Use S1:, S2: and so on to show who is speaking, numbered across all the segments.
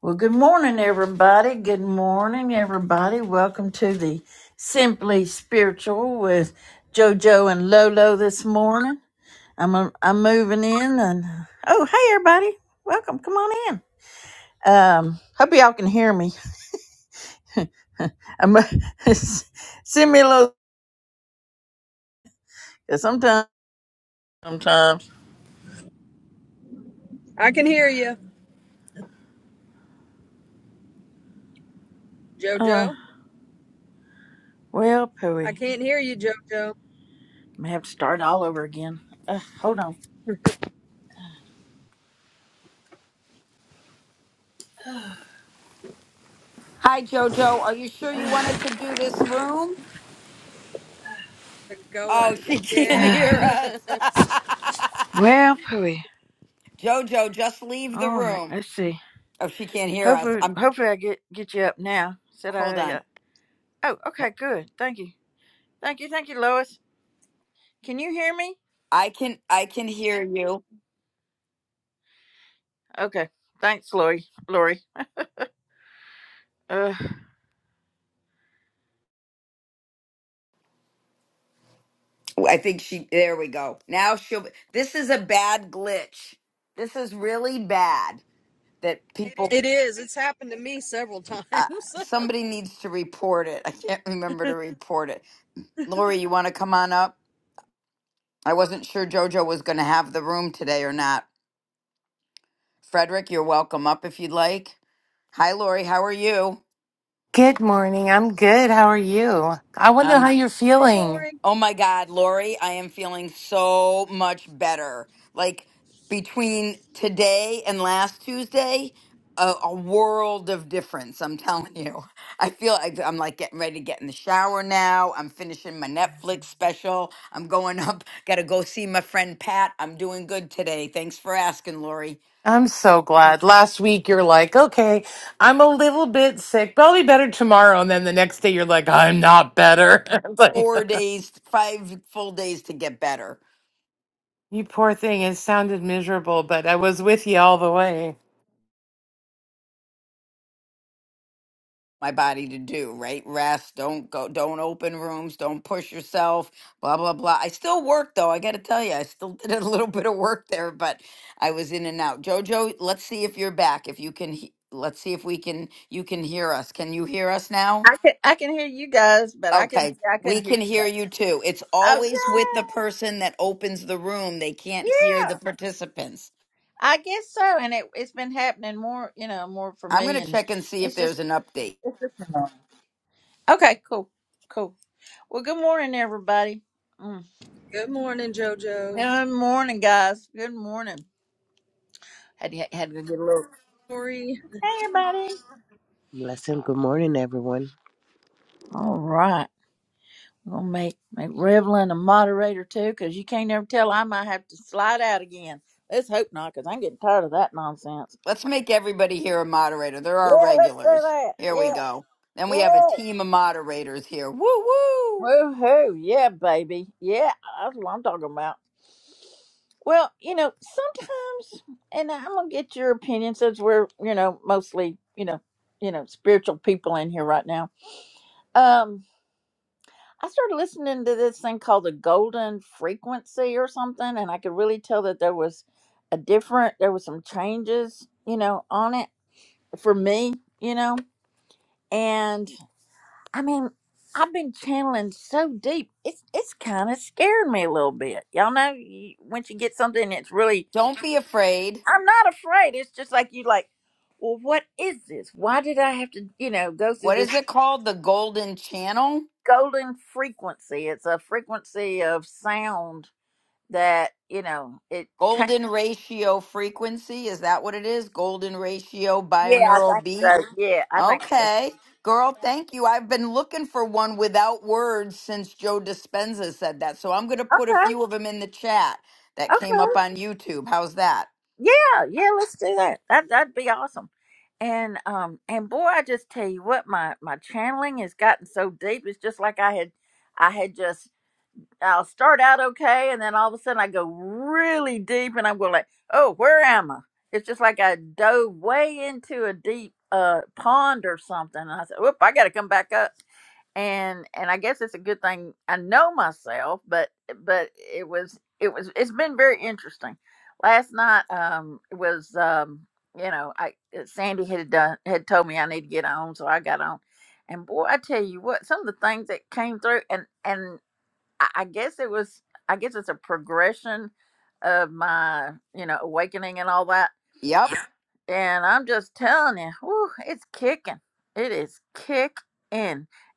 S1: Well, good morning, everybody. Good morning, everybody. Welcome to the Simply Spiritual with JoJo and Lolo this morning. I'm uh, I'm moving in, and oh, hey, everybody, welcome. Come on in. Um, hope y'all can hear me. I'm send me a little. 'Cause Sometimes, sometimes.
S2: I can hear you,
S1: Uh,
S2: Jojo.
S1: well,
S2: I
S1: pooey,
S2: can't hear you, Jojo.
S1: I'm gonna have to start all over again. Uh, hold on.
S2: Go away. Yeah,
S1: well, pooey. All right, let's see. Hopefully, hopefully I get get you up now. Said I. Uh, oh, okay, good. Thank you, thank you, thank you, Lois. Can you hear me? Okay. Thanks, Lori. Lori. Uh,
S2: it is. It's happened to me several times. hey,
S3: Good morning. I'm good. How are you? I want to know how you're feeling.
S2: Lori.
S3: I'm so glad. Last week you're like, okay, I'm a little bit sick, but I'll be better tomorrow. And then the next day you're like, I'm not better. It's like, you poor thing. It sounded miserable, but I was with you all the way.
S1: I can I can hear you guys, but I can I couldn't hear you guys. Oh yeah, yeah. I guess so. And it it's been happening more, you know, more for me, and it's just it's just annoying. okay. Cool, cool. Well, good morning, everybody. Mm.
S2: Good morning, Jojo.
S1: Good morning, guys. Good morning. Had had to get a little.
S2: Lori,
S1: Hey, everybody.
S4: Blessing. Good morning, everyone.
S1: All right. I'm gonna make make Revlon a moderator too, cause you can't never tell. I might have to slide out again. Let's hope not, cause I'm getting tired of that nonsense. Yeah, let's do that. Yeah, yeah. Woohoo! Yeah, baby. Yeah, that's what I'm talking about. Well, you know, sometimes, and I'm gonna get your opinion since we're, you know, mostly, you know, you know, spiritual people in here right now. Um. I started listening to this thing called the golden frequency or something, and I could really tell that there was a different, there was some changes, you know, on it for me, you know, and I mean, I've been channeling so deep, it's it's kind of scared me a little bit, y'all know. You, once you get something, that's really, I'm not afraid. It's just like you like, well, what is this? Why did I have to, you know, go through this golden frequency? It's a frequency of sound that you know it changed. Yeah, I think so. Yeah, I think so. Okay, okay. Yeah, yeah. Let's do that. That that'd be awesome. And um and boy, I just tell you what, my my channeling has gotten so deep. It's just like I had, I had just I'll start out okay, and then all of a sudden I go really deep, and I'm going like, oh, where am I? It's just like I dove way into a deep uh pond or something. And I said, whoop, I got to come back up and and I guess it's a good thing I know myself, but but it was it was it's been very interesting. Last night um it was um you know I uh, Sandy had done had told me I need to get on, so I got on, and boy I tell you what some of the things that came through and and I, I guess it was I guess it's a progression of my you know awakening and all that and I'm just telling you, whew, it's kicking. It is kicking.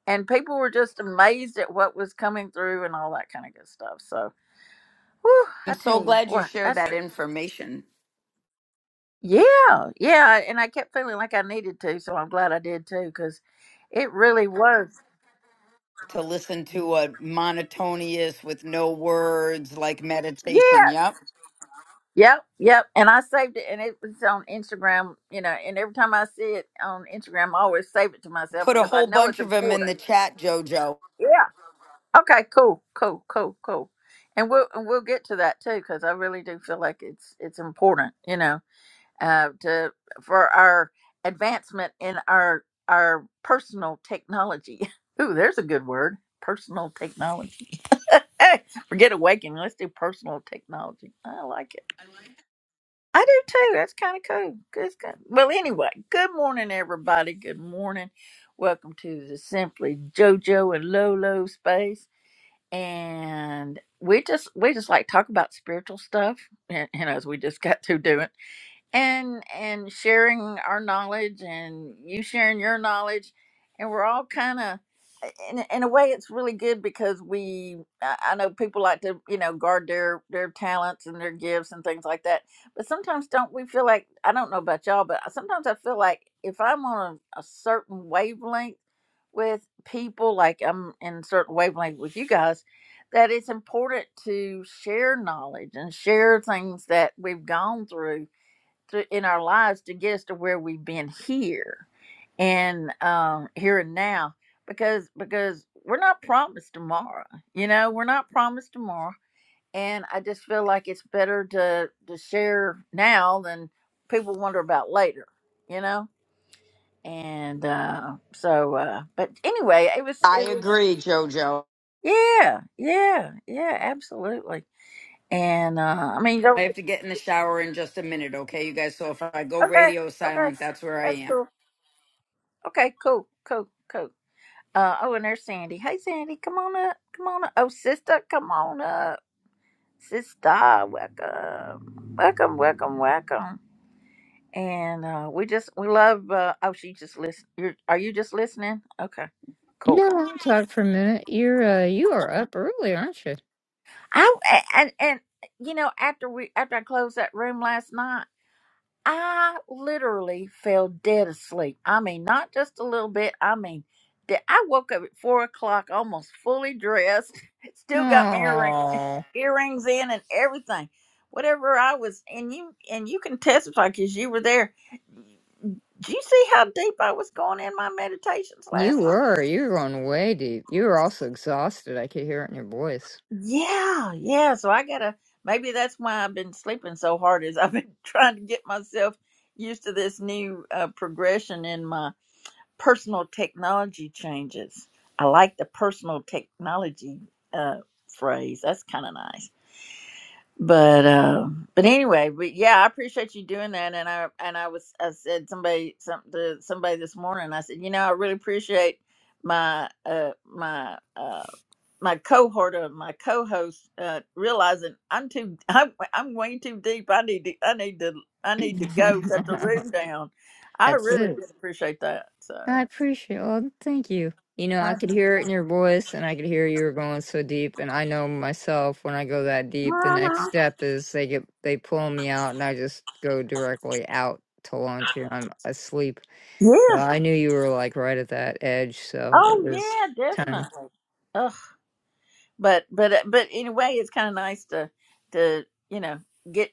S1: And people were just amazed at what was coming through and all that kind of good stuff. So, whew, I tell you what, that's, yeah, yeah. And I kept feeling like I needed to. So I'm glad I did too, because it really was. Yes. Yep. Yep. And I saved it and it was on Instagram, you know, and every time I see it on Instagram, I always save it to myself because I know it's important. Yeah. Okay, cool, cool, cool, cool. And we'll and we'll get to that too because I really do feel like it's it's important, you know, uh, to for our advancement in our our personal technology. Ooh, there's a good word, personal technology. Forget awakening. Let's do personal technology. I like it. I do too. That's kind of cool. That's good. Well, anyway, good morning, everybody. Good morning. Welcome to the Simply JoJo and Lolo space and we just we just like talk about spiritual stuff and you know as we just got through doing and and sharing our knowledge and you sharing your knowledge and we're all kind of in, in a way it's really good because we I, I know people like to you know guard their their talents and their gifts and things like that but sometimes don't we feel like i don't know about y'all but sometimes i feel like if i'm on a, a certain wavelength with people like i'm in a certain wavelength with you guys that it's important to share knowledge and share things that we've gone through to, in our lives to get us to where we've been here and um, here and now because because we're not promised tomorrow you know we're not promised tomorrow and i just feel like it's better to to share now than people wonder about later you know and uh so uh but anyway it was it was yeah yeah yeah absolutely and uh i mean don't okay okay that's cool okay cool cool cool Uh, oh, and there's Sandy. Hey, Sandy, come on up. Come on up. Oh, sister, come on up. Sister, welcome. Welcome, welcome, welcome. And uh, we just, we love, uh, oh, she just listen. You're, are you just listening? Okay, cool.
S5: No, I'll talk for a minute. You're uh you are up early, aren't you?
S1: I, and, and, you know, after we, after I closed that room last night, I literally fell dead asleep. I mean, not just a little bit. I mean, de- I woke up at four o'clock, almost fully dressed, still got my earring,
S5: No.
S1: earrings in and everything. Whatever I was, and you and you can testify because you were there. Do you see how deep I was going in my meditations
S5: You
S1: last night?
S5: were. You were going way deep. You were also exhausted. I could hear it in your voice.
S1: Yeah, yeah. So I gotta. Maybe that's why I've been sleeping so hard. Is I've been trying to get myself used to this new uh, progression in my personal technology changes. I like the personal technology uh, phrase. That's kind of nice. But uh, but anyway, but yeah, I appreciate you doing that. And I and I was I said somebody some to somebody this morning. I said, you know, I really appreciate my uh my uh my cohort of my co-host uh realizing i'm too i'm, I'm way too deep i need to i need to i need to go set the room down i
S5: That's
S1: really
S5: it.
S1: did appreciate that so
S5: I appreciate well, thank you. You know, I could hear it in your voice and I could hear you were going so deep and I know myself when I go that deep, the next
S1: Uh-huh.
S5: step is they get they pull me out and I just go directly out to lunch and I'm asleep
S1: Yeah.
S5: Well, I knew you were like right at that edge, so it
S1: Oh,
S5: was
S1: yeah,
S5: time.
S1: definitely. Ugh. But but uh, but anyway, it's kind of nice to to you know get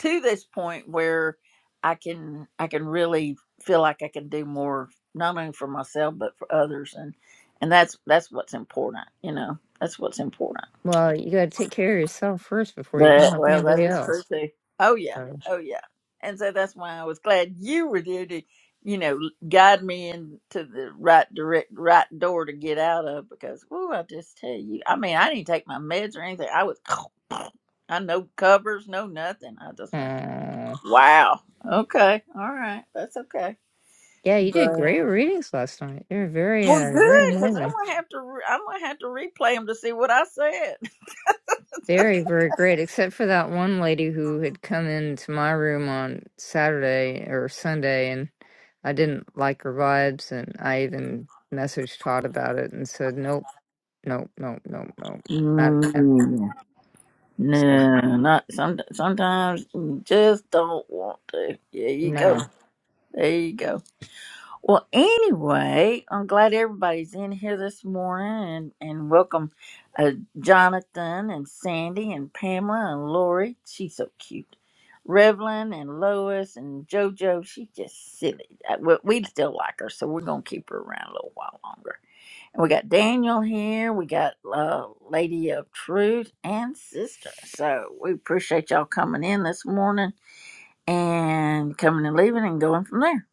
S1: to this point where I can I can really feel like I can do more not only for myself but for others and and that's that's what's important. You know, that's what's important.
S5: Well, you got to take care of yourself first before you can
S1: That,
S5: help
S1: well, that
S5: anybody
S1: is true
S5: else.
S1: too. Oh yeah,
S5: So,
S1: oh yeah. And so that's why I was glad you were there to, you know, guide me into the right direct right door to get out of because, ooh, I just tell you, I mean, I didn't take my meds or anything. I was, I no covers, no nothing. I just went,
S5: uh,
S1: wow, okay, all right, that's okay.
S5: yeah, you did
S1: But
S5: great readings last night. You're very,
S1: well,
S5: uh, very
S1: good because I'm
S5: amazing.
S1: gonna have to, re- I'm gonna have to replay them to see what I said.
S5: Very, very great, except for that one lady who had come into my room on Saturday or Sunday, and I didn't like her vibes, and I even messaged Todd about it and said, nope, nope, nope, nope, nope, not again.
S1: Mm.
S5: So,
S1: No, not some. Sometimes you just don't want to. There you go.
S5: no.
S1: There you go. Well, anyway, I'm glad everybody's in here this morning, and and welcome, uh, Jonathan and Sandy and Pamela and Lori. She's so cute. Revlon and Lois and JoJo. She's just silly. Uh, We we still like her, so we're gonna keep her around a little while longer. We got Daniel here. We got uh, Lady of Truth and Sister. So we appreciate y'all coming in this morning and coming and leaving and going from there.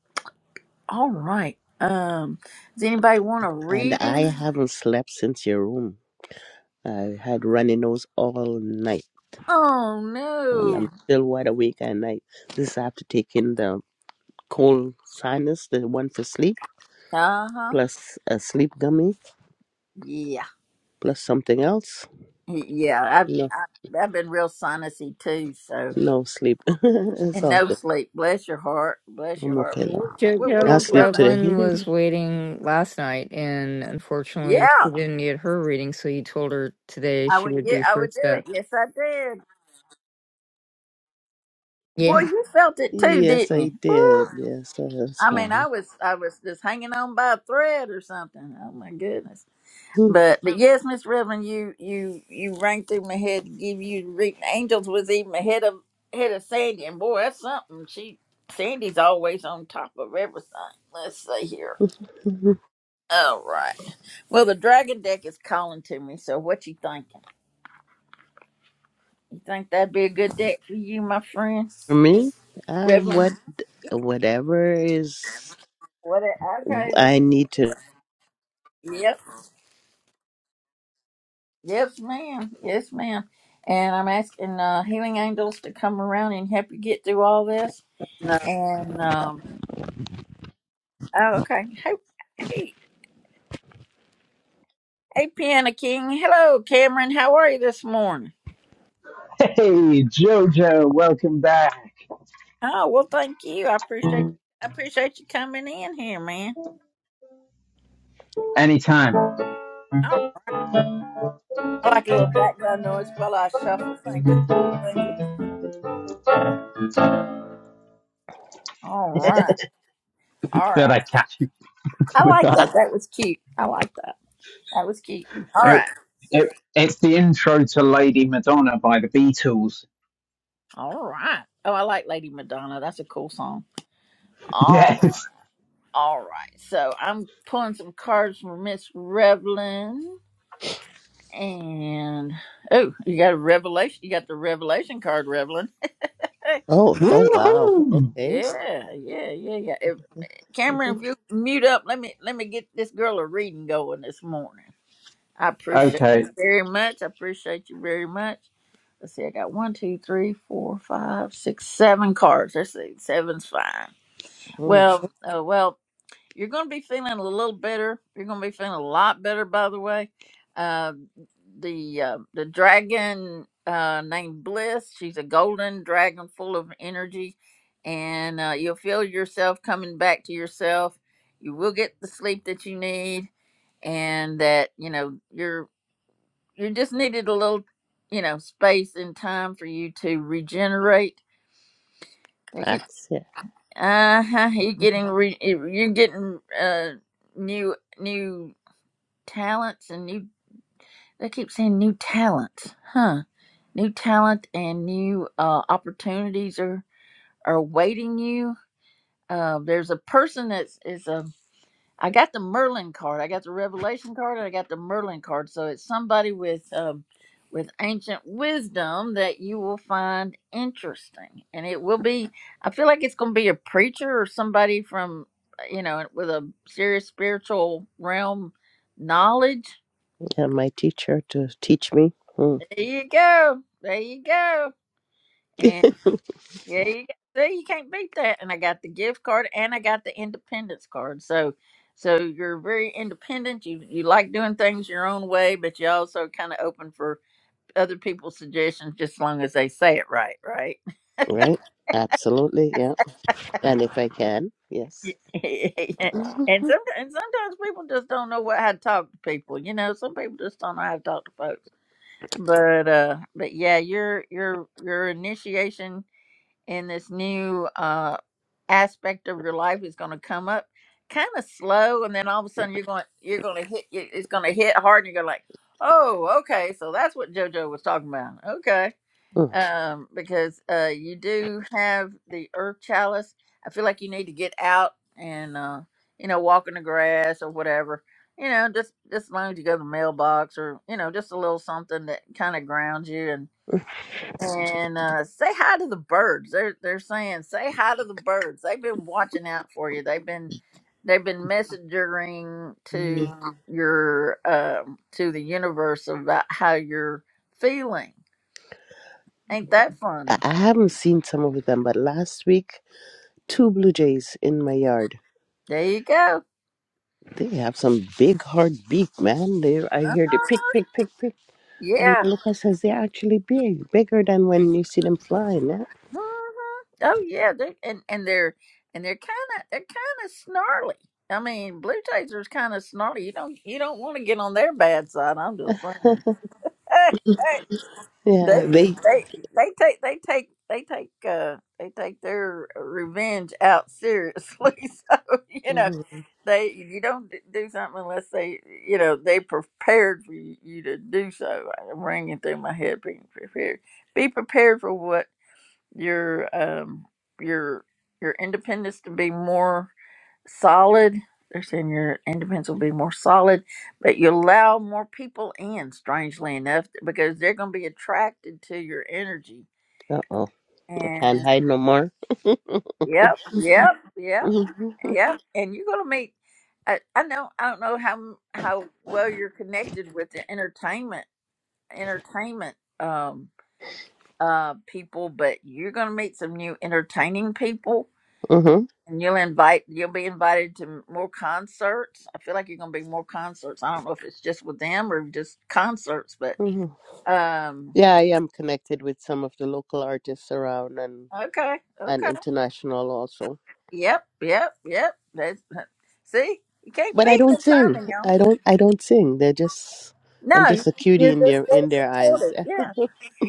S1: All right. Um, does anybody want a
S4: And I
S1: reading?
S4: haven't slept since your room. I had runny nose all night,
S1: Oh
S4: and I'm
S1: no.
S4: still wide awake at night. This I have to take in the cold sinus, the one for sleep,
S1: Uh huh.
S4: plus a sleep gummy,
S1: Yeah.
S4: plus something else.
S1: Yeah. I've
S4: No,
S1: I, I've been real sinusy too. So
S4: no sleep. it's
S1: and
S4: all
S1: no
S4: good.
S1: sleep. Bless your heart. Bless your
S4: I'm
S1: heart.
S4: okay
S1: Well,
S4: now.
S1: we're we're, we're
S4: I'll
S1: gonna
S5: JoJo
S4: sleep
S1: tell them.
S4: today.
S5: Revlin was waiting last night, and unfortunately,
S1: Yeah.
S5: she didn't get her reading, so you told her today
S1: I
S5: she
S1: would
S5: would
S1: get.
S5: be
S1: I would do
S5: first
S1: it.
S5: up.
S1: Yes, I did. Boy,
S5: Yeah.
S1: you felt it too,
S4: yes,
S1: didn't you?
S4: I
S1: Woo.
S4: did. Yes, that's
S1: I mean,
S4: fine.
S1: I was I was just hanging on by a thread or something. Oh my goodness!
S4: for
S1: But but yes, Miss Reverend, you you you rang through my head. Give you re- angels was even ahead of ahead of Sandy, and boy, that's something. She Sandy's always on top of everything. Let's see here. All right. Well, the dragon deck is calling to me. So what you thinking? You think that'd be a good deck for you, my friend,
S4: me, uh,
S1: Reverend?
S4: what, whatever is
S1: What? it- Okay, this
S4: I
S1: is.
S4: need to.
S1: Yep. Yes, ma'am. Yes, ma'am. And I'm asking uh, healing angels to come around and help you get through all this. And um, oh, okay. Hey, hey, hey, Piano King. Hello, Cameron. How are you this morning?
S6: Hey, Jojo, welcome back.
S1: Oh, well, thank you. I appreciate I appreciate you coming in here, man.
S6: Anytime.
S1: Oh, I like a little background noise while I shuffle. Thank you. Thank you. All
S6: Thought
S1: right. All right.
S6: I'd catch you
S1: I
S6: with
S1: like that.
S6: that.
S1: That was cute. I like that. That was cute. All
S6: It,
S1: right.
S6: it, it's the intro to Lady Madonna by the Beatles.
S1: All right. Oh, I like Lady Madonna. That's a cool song. All right.
S6: Yes.
S1: All right. So I'm pulling some cards from Miss Revlon. And oh, you got a revelation. You got the revelation card, Revlon.
S4: Oh, oh, wow.
S6: Woohoo!
S1: yeah,
S4: Okay.
S1: yeah, yeah, yeah. If
S4: Mhm.
S1: Cameron, if you mute up, let me let me get this girl a reading going this morning. I appreciate
S6: Okay.
S1: you very much. I appreciate you very much. Let's see, I got one, two, three, four, five, six, seven cards. Let's see, seven's fine.
S4: Mm,
S1: Well, uh, well, You're going to be feeling a little better. You're going to be feeling a lot better, by the way. Uh, the uh, the dragon uh, named Bliss. She's a golden dragon full of energy, and uh, you'll feel yourself coming back to yourself. You will get the sleep that you need, and that you know you're you just needed a little you know space and time for you to regenerate.
S4: Facts. Yeah.
S1: Uh huh. You're getting re- you're getting uh new new talents and new they keep saying new talents huh new talent and new uh, opportunities are are waiting you uh, there's a person that's is a i got the merlin card i got the revelation card and i got the merlin card so it's somebody with um, with ancient wisdom that you will find interesting and it will be i feel like it's going to be a preacher or somebody from you know with a serious spiritual realm knowledge
S4: yeah. My teacher to teach me. Mm,
S1: There you go. There you go. And there you go. See, you can't beat that. And I got the gift card and I got the independence card. So so you're very independent. You you like doing things your own way, but you also kind of open for other people's suggestions just as long as they say it right, right?
S4: right. Absolutely. Yeah. And if I can, yes.
S1: and
S4: Mhm.
S1: some and sometimes people just don't know what how to talk to people. You know, some people just don't know how to talk to folks. But uh but yeah, your your your initiation and this new uh aspect of your life is going to come up kind of slow and then all of a sudden you're going you're going to hit it- it's going to hit hard and you're like oh okay so that's what jojo was talking about okay
S4: Mm.
S1: um because uh you do have the earth chalice i feel like you need to get out and uh you know walk in the grass or whatever you know just just as long as you go to the mailbox or you know just a little something that kind of grounds you and uh, say hi to the birds. They're they're saying say hi to the birds. They've been watching out for you. They've been they've been messaging to
S4: Mm.
S1: your um, to the universe about how you're feeling. Ain't that
S4: I
S1: funny?
S4: I haven't seen some of them, but last week, two blue jays in my yard.
S1: There you go.
S4: They have some big hard beak, man. They, I hear the pick, pick, pick, pick. And
S1: Yeah.
S4: Lucas says they're actually big, bigger than when you see them flying. Yeah.
S1: hmm Oh yeah. they and and they're and they're kind of they're kind of snarly. I mean, blue taser's kind of snarly. You don't you don't want to get on their bad side. I'm just saying. They
S4: Yeah. They.
S1: they they take they take they take uh they take their revenge out seriously. So you know
S4: Uh
S1: they you don't d- do something unless they you know they prepared for you, you to do so. I'm ringing through my head being prepared. Be prepared for what your um your your independence to be more solid. They're saying your independence will be more solid, but you allow more people in, strangely enough, because they're going to be attracted to your energy.
S4: oh. I can't
S1: And
S4: hide no more.
S1: yep, yep, yep, yep. And you're going to meet. I, I know. I don't know how m- how well you're connected with the entertainment entertainment um uh people, but you're going to meet some new entertaining people
S4: Mm-hmm.
S1: And you'll invite you'll be invited to m- more concerts. I feel like you're gonna be more concerts. I don't know if it's just with them or just concerts, but
S4: hmm
S1: um
S4: Yeah, I am connected with some of the local artists around and
S1: okay,
S4: and
S1: okay.
S4: international also.
S1: Yep, yep, yep. That's, see? You can't
S4: But I
S1: beat
S4: don't
S1: good
S4: sing.
S1: timing, y'all.
S4: I don't I don't sing. They're just I'm
S1: No, you-
S4: just a cutie
S1: you're
S4: in
S1: just
S4: their
S1: very
S4: in their eyes.
S1: supportive.
S4: Eh,
S1: Yeah.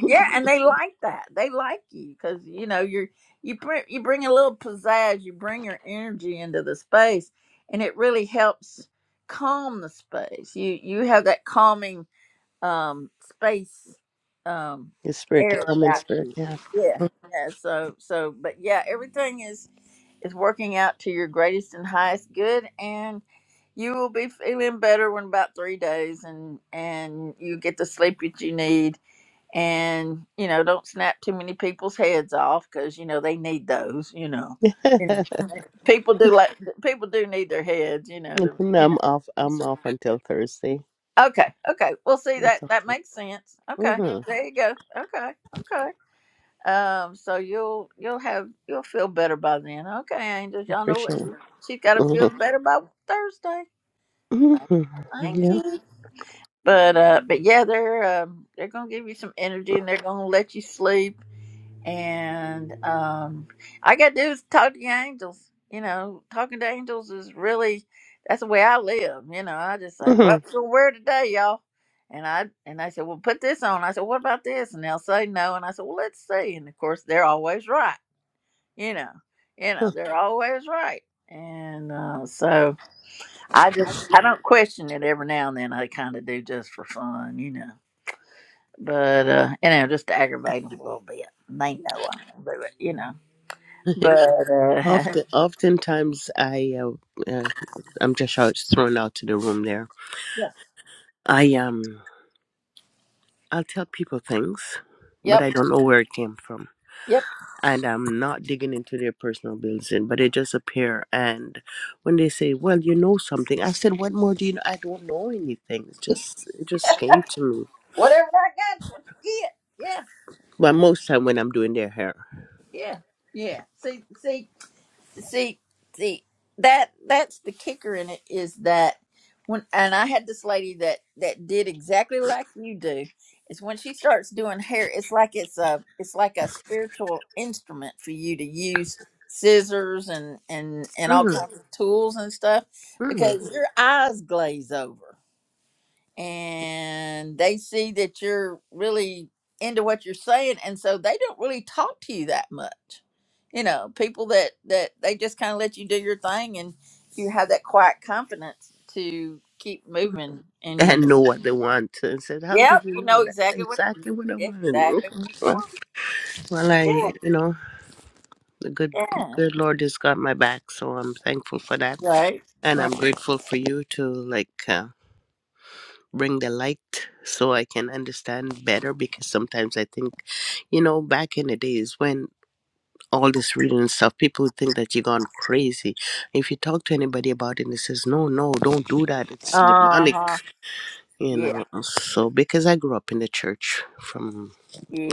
S1: Yeah, and they like that. They like you because you know you're you bring you bring a little pizzazz, you bring your energy into the space and it really helps calm the space. You you have that calming um space um
S4: The spirit, the
S1: air
S4: common
S1: about
S4: spirit,
S1: you
S4: yeah.
S1: yeah yeah so so but yeah everything is is working out to your greatest and highest good and you will be feeling better in about three days and and you get the sleep that you need and you know don't snap too many people's heads off because you know they need those you know You know,
S4: and
S1: people do like people do need their heads you know to
S4: then
S1: you
S4: I'm
S1: know
S4: off
S1: so
S4: I'm off until Thursday.
S1: Okay, okay. Well, see
S4: or
S1: that that
S4: something.
S1: makes sense. Okay,
S4: Mm-hmm.
S1: there you go. Okay, okay. Um, so you'll you'll have you'll feel better by then. Okay, Angels, y'all know what
S4: Appreciate
S1: she, she's got to
S4: it.
S1: feel better by Thursday.
S4: hmm hmm
S1: Thank
S4: Yeah.
S1: you. But uh, but yeah, they're um they're gonna give you some energy and they're gonna let you sleep and um, I got to do is talk to the angels. You know, talking to angels is really that's the way I live. You know, I just say,
S4: hmm
S1: "What's gonna wear today, y'all?" And I and they said, "Well, put this on." I said, "What about this?" And they'll say no. And I said, "Well, let's see." And of course, they're always right. You know, you know, they're always right. And uh, so I just I don't question it. Every now and then I kind of do just for fun. You know, but uh, you know, just to aggravate them a little bit. They know I don't do it. You know but uh,
S4: Often, oftentimes, I uh, uh, I'm just out, thrown out to the room there.
S1: Yes.
S4: I am. I'll tell people things, but
S1: Yep.
S4: I don't know where it came from.
S1: Yep.
S4: And I'm not digging into their personal business, in, but it just appear. And when they say, "Well, you know something," I said, "What more do you know?" I don't know anything. It just it just came to me.
S1: Whatever I got's what you get. Yeah.
S4: But most time when I'm doing their hair,
S1: Yeah. Yeah. See see see see that that's the kicker in it is that when and I had this lady that that did exactly like you do is when she starts doing hair it's like it's a it's like a spiritual instrument for you to use scissors and and and all
S4: mm
S1: kinds of tools and stuff
S4: mm
S1: because your eyes glaze over and they see that you're really into what you're saying and so they don't really talk to you that much you know people that that they just kind of let you do your thing and you have that quiet confidence to keep moving and
S4: and know what they want, and said, "How
S1: yep
S4: did you
S1: you know
S4: know?" That's
S1: exactly what
S4: exactly what I wanted.
S1: exactly
S4: Okay.
S1: what you
S4: Well, well, I
S1: want
S4: you know the good
S1: yeah yeah
S4: good Lord has got my back, so I'm thankful for that,
S1: right
S4: and I'm
S1: right
S4: grateful for you to like. Uh, bring the light so I can understand better because sometimes I think, you know, back in the days when all this reading and stuff, people would think that you're gone crazy. If you talk to anybody about it, they says, no, no, don't do that. It's demonic,
S1: uh-huh
S4: you
S1: yeah
S4: know. So because I grew up in the church from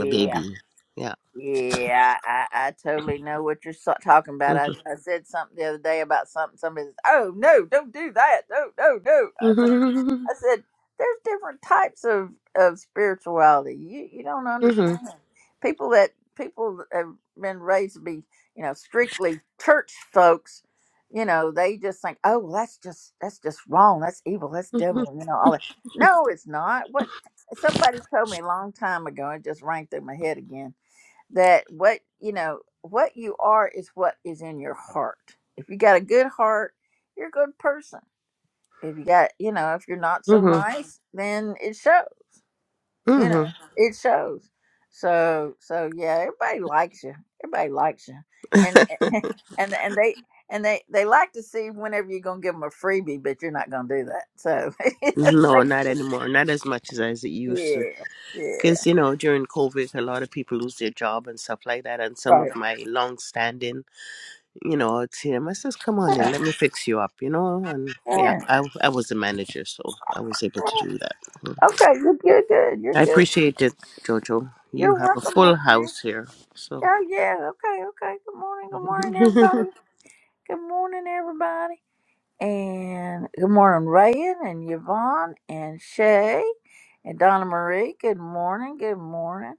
S4: a baby, yeah.
S1: Yeah, I, I totally know what you're so- talking about. I,
S4: Mhm.
S1: I said something the other day about something. Somebody says, "Oh no, don't do that! No, no, no!" I said,
S4: Mhm.
S1: "I said there's different types of of spirituality. You you don't
S4: Mhm.
S1: understand people that people that have been raised to be you know strictly church folks. You know they just think, oh well, that's just that's just wrong. That's evil. That's
S4: Mhm.
S1: devil. You know all that. No, it's not. What somebody told me a long time ago. It just rang through my head again that what you know what you are is what is in your heart if you got a good heart you're a good person if you got you know if you're not so
S4: Mhm.
S1: nice then it shows you know
S4: Mhm.
S1: it shows so so yeah everybody likes you everybody likes you and and and they and they they like to see whenever you're gonna give them a freebie but you're not gonna do that so
S4: No, not anymore. Not as much as I as it used to.
S1: yeah yeah
S4: Because, you know, during COVID, a lot of people lose their job and stuff like that. And some of
S1: right
S4: my long-standing, you know, it's here. I says, come on in,
S1: yeah,
S4: let me fix you up, you know? And yeah,
S1: yeah.
S4: I, I was the manager, so I was able to do that. Mm.
S1: okay you're, you're good you're
S4: I
S1: good
S4: appreciate it, Jojo.
S1: You're
S4: You have a
S1: welcome, my
S4: full
S1: friend.
S4: house here. So
S1: Yeah, yeah. Okay, okay. Good morning. Good morning, everybody. Good morning, everybody. And good morning, Rayan and Yvonne and Shay and Donna Marie. Good morning. Good morning.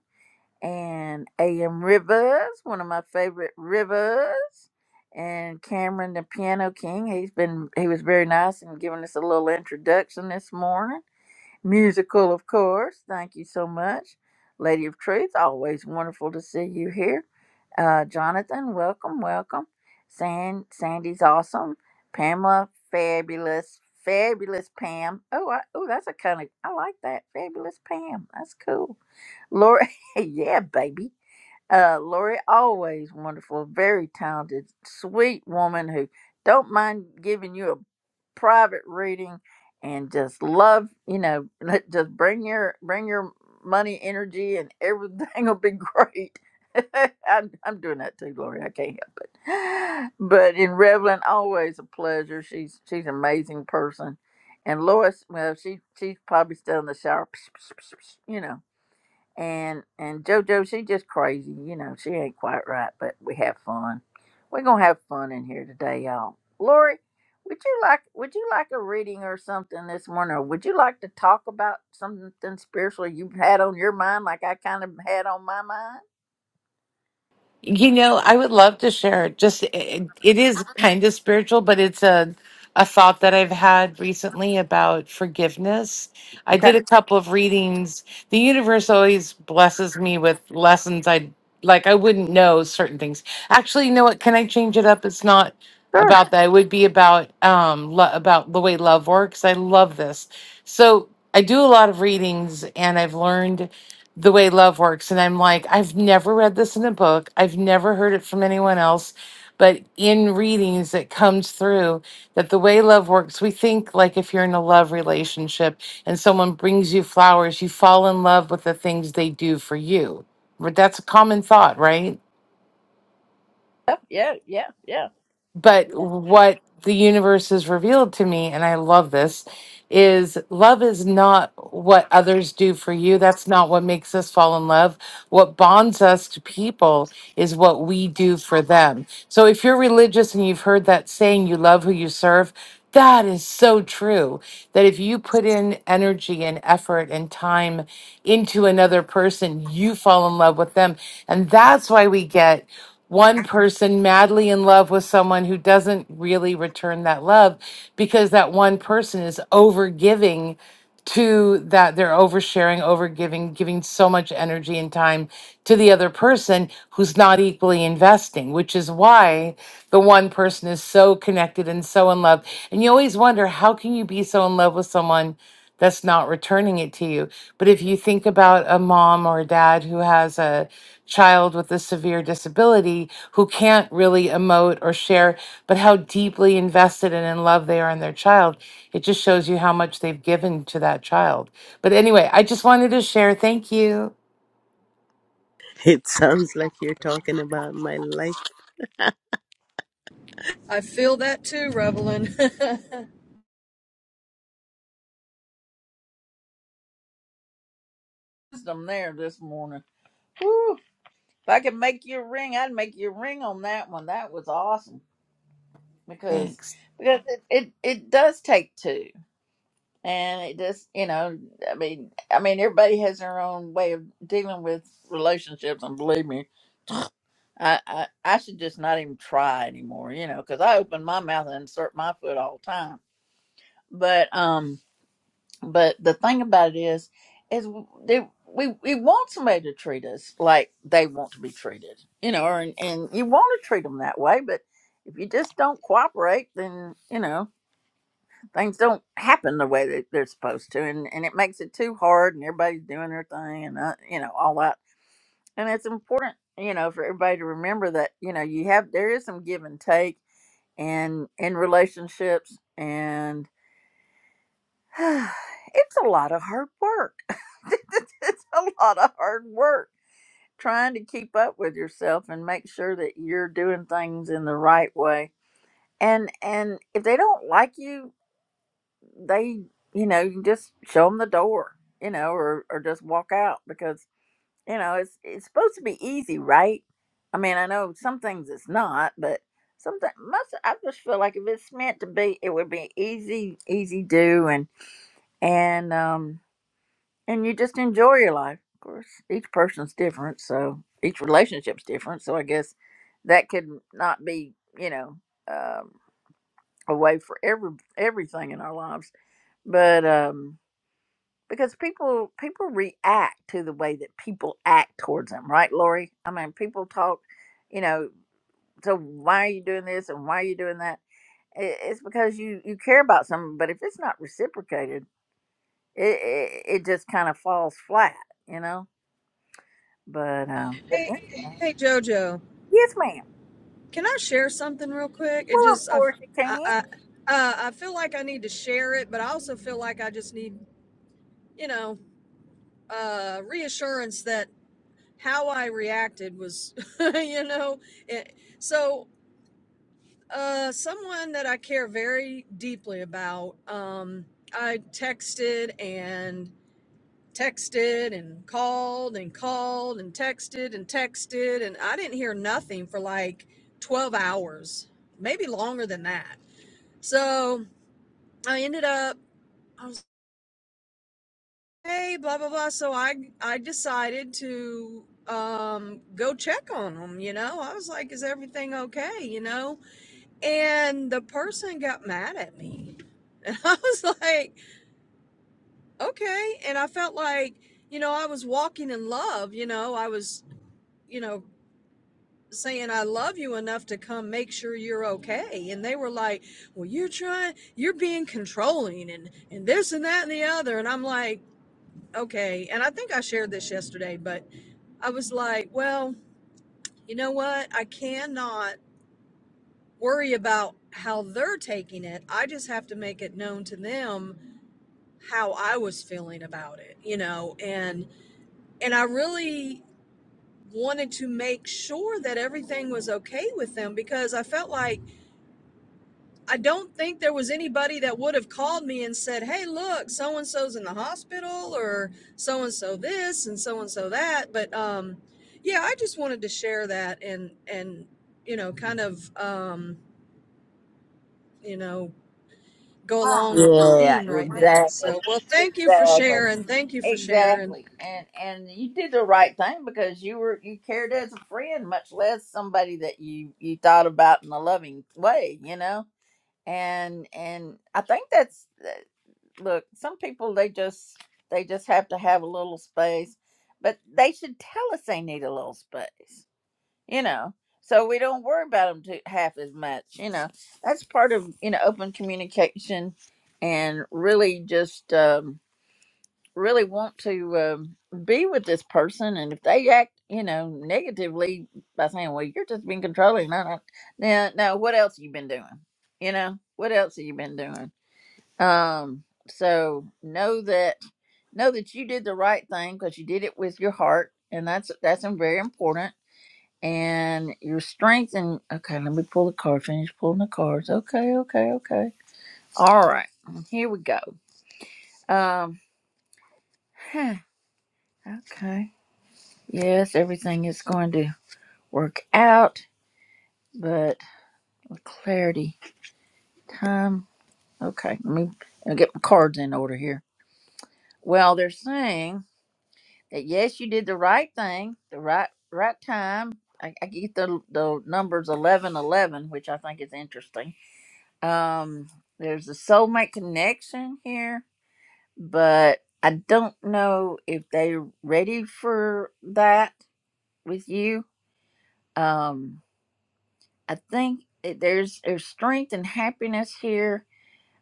S1: And A.M. Rivers, one of my favorite Rivers. And Cameron, the piano king. He's been, he was very nice and giving us a little introduction this morning Musical, of course. Thank you so much. Lady of Truth, always wonderful to see you here. Uh, Jonathan, welcome, welcome. San, Sandy's awesome. Pamela, fabulous, fabulous Pam. Oh, I, oh, that's a kind of, I like that. Fabulous Pam. That's cool. Lori, yeah, baby. Uh, Lori, always wonderful, very talented, sweet woman who don't mind giving you a private reading and just love, you know, just bring your bring your money energy and everything will be great. I'm, I'm doing that too, Lori. I can't help it. But in Revlon, always a pleasure. She's she's an amazing person. And Lois, well, she she's probably still in the shower, you know and and JoJo, she just crazy, you know. She ain't quite right, but we have fun. We're gonna have fun in here today, y'all. Lori, would you like would you like a reading or something this morning, or would you like to talk about something spiritual you have had on your mind, like I kind of had on my mind?
S3: You know, I would love to share. it. Just it, it is kind of spiritual, but it's a a thought that I've had recently about forgiveness. I
S1: Okay,
S3: did a couple of readings. The universe always blesses me with lessons I like I wouldn't know certain things. Actually, you know what? Can I change it up? It's not
S1: sure.
S3: about that. It would be about um lo- about the way love works. I love this. So I do a lot of readings, and I've learned the way love works. And I'm like, I've never read this in a book. I've never heard it from anyone else. But in readings, it comes through that the way love works, we think like if you're in a love relationship and someone brings you flowers, you fall in love with the things they do for you. But That's a common thought, right?
S1: Yep, yeah, yeah, yeah.
S3: but what the universe has revealed to me and i love this is love is not what others do for you that's not what makes us fall in love what bonds us to people is what we do for them so if you're religious and you've heard that saying you love who you serve that is so true that if you put in energy and effort and time into another person you fall in love with them and that's why we get one person madly in love with someone who doesn't really return that love because that one person is over giving to that they're oversharing, over giving, giving so much energy and time to the other person who's not equally investing, which is why the one person is so connected and so in love. And you always wonder how can you be so in love with someone that's not returning it to you. But if you think about a mom or a dad who has a child with a severe disability who can't really emote or share, but how deeply invested and in love they are in their child, it just shows you how much they've given to that child. But anyway, I just wanted to share. Thank you.
S4: it sounds like you're talking about my life.
S2: I feel that too, Revelin.
S1: Wisdom there this morning. Woo. If I could make you a ring, I'd make you a ring on that one. That was awesome because
S3: Thanks.
S1: because it, it, it does take two. and it just you know i mean i mean everybody has their own way of dealing with relationships and believe me i i, I should just not even try anymore you know because i open my mouth and insert my foot all the time but um but the thing about it is is they, we we want somebody to treat us like they want to be treated you know and and you want to treat them that way but if you just don't cooperate then you know things don't happen the way that they're supposed to and, and it makes it too hard and everybody's doing their thing and uh, you know all that and it's important you know for everybody to remember that you know you have there is some give and take and in relationships and it's a lot of hard work it's a lot of hard work trying to keep up with yourself and make sure that you're doing things in the right way and and if they don't like you they, you know, you just show them the door, you know, or, or just walk out because, you know, it's, it's supposed to be easy, right? I mean, I know some things it's not, but sometimes most, I just feel like if it's meant to be, it would be easy, easy do. And, and, um, and you just enjoy your life. Of course, each person's different. So each relationship's different. So I guess that could not be, you know, um, a way for every, everything in our lives. But, um. because people people react to the way that people act towards them, right, Lori? I mean, people talk, you know. So why are you doing this and why are you doing that? I- It's because you you care about something, but if it's not reciprocated, it it, it just kind of falls flat, you know. But um, but
S2: hey,
S1: any-
S2: hey, Jojo.
S1: yes, ma'am.
S2: Can I share something real quick? It
S1: Well, of
S2: just I,
S1: course you
S2: I,
S1: can.
S2: I, uh, I feel like I need to share it, but I also feel like I just need, you know, uh, reassurance that how I reacted was, you know, it, so uh, someone that I care very deeply about, um, I texted and texted and called and called and texted and texted, and I didn't hear nothing for like 12 hours, maybe longer than that. So I ended up. I was hey blah blah blah so i i decided to um go check on them you know i was like is everything okay you know and the person got mad at me and i was like okay and i felt like you know i was walking in love you know i was you know saying i love you enough to come make sure you're okay and they were like well you're trying you're being controlling and and this and that and the other and i'm like okay and i think i shared this yesterday but I was like, well, you know what? I cannot worry about how they're taking it. I just have to make it known to them how I was feeling about it, you know, and and I really wanted to make sure that everything was okay with them because I felt like I don't think there was anybody that would have called me and said, "Hey, look, so and so's in the hospital, or so and so this, and so and so that." But um, yeah, I just wanted to share that and and you know, kind of um, you know, go along with the
S1: Yeah,
S2: theme right then.
S1: exactly.
S2: So, well, thank you for
S1: Exactly.
S2: sharing. Thank you for sharing.
S1: Exactly. And and you did the right thing because you were you cared as a friend, much less somebody that you you thought about in a loving way, you know? And and I think that's that- look, some people they just they just have to have a little space, but they should tell us they need a little space you know so we don't worry about them too, half as much you know that's part of you know open communication and really just um, really want to um, be with this person and if they act you know negatively by saying well you're just being controlling no no now now what else you been doing you know what else have you been doing um so know that know that you did the right thing because you did it with your heart and that's that's very important and your strength and okay let me pull the card finish pulling the cards okay okay okay all right here we go um huh, okay yes everything is going to work out but with clarity time okay let me let me get my cards in order here well they're saying that yes you did the right thing the right right time i, I get the the numbers 11, 11, which i think is interesting Um, there's a soulmate connection here, but I don't know if they're ready for that with you. Um, I think it, there's there's strength and happiness here,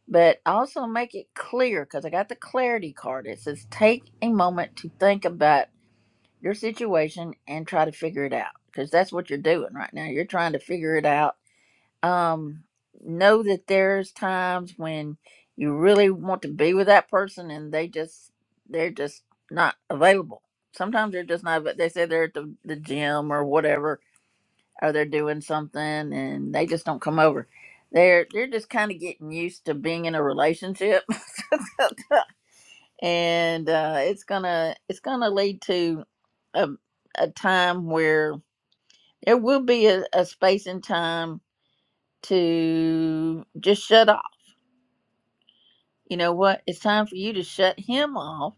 S1: but also make it clear because I got the clarity card. It says take a moment to think about your situation and try to figure it out because that's what you're doing right now. You're trying to figure it out um know that there's times when you really want to be with that person and they just they're just not available sometimes they're just not but they say they're at the, the gym or whatever or they're doing something and they just don't come over they're they're just kind of getting used to being in a relationship and uh it's gonna it's gonna lead to a, a time where there will be a, a space and time to just shut off you know what it's time for you to shut him off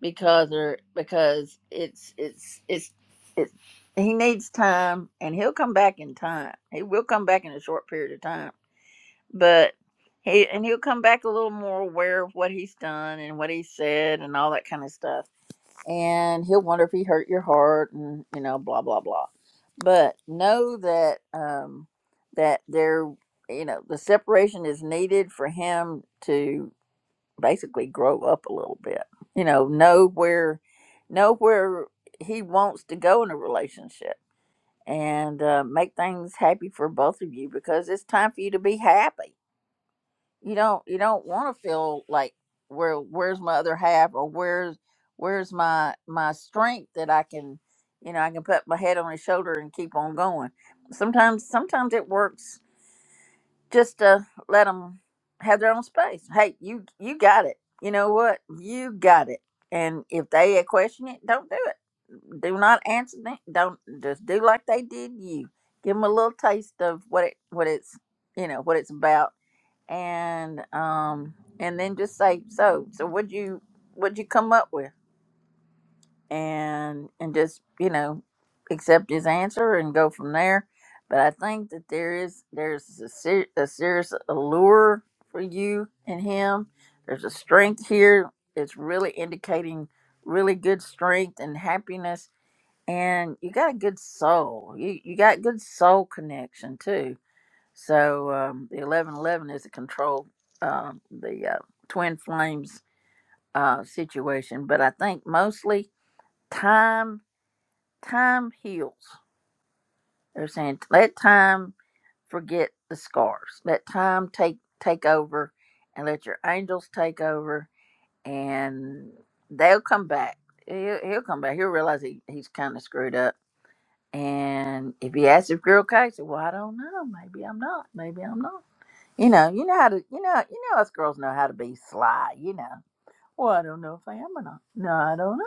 S1: because or because it's it's it's it's he needs time and he'll come back in time he will come back in a short period of time but he and he'll come back a little more aware of what he's done and what he said and all that kind of stuff and he'll wonder if he hurt your heart and you know blah blah blah but know that um that there you know the separation is needed for him to basically grow up a little bit. You know, know where know where he wants to go in a relationship and uh, make things happy for both of you because it's time for you to be happy. You don't you don't want to feel like where where's my other half or where's where's my my strength that I can you know I can put my head on his shoulder and keep on going. Sometimes sometimes it works just to let them have their own space. Hey, you you got it. You know what? You got it. And if they question it, don't do it. Do not answer them. Don't just do like they did you. Give them a little taste of what it what it's you know what it's about, and um and then just say so. So what would you what would you come up with? and and just you know accept his answer and go from there but i think that there is there's a, ser- a serious allure for you and him there's a strength here it's really indicating really good strength and happiness and you got a good soul you you got good soul connection too so um, the 1111 is a control um, the uh, twin flames uh, situation but i think mostly time time heals. They're saying let time forget the scars. Let time take take over and let your angels take over and they'll come back. He'll, he'll come back. He'll realize he, he's kind of screwed up. And if he asks if you're okay, say, well, I don't know. Maybe I'm not. Maybe I'm not. You know, you know how to, you know, you know, us girls know how to be sly, you know. Well, I don't know if I am or not. No, I don't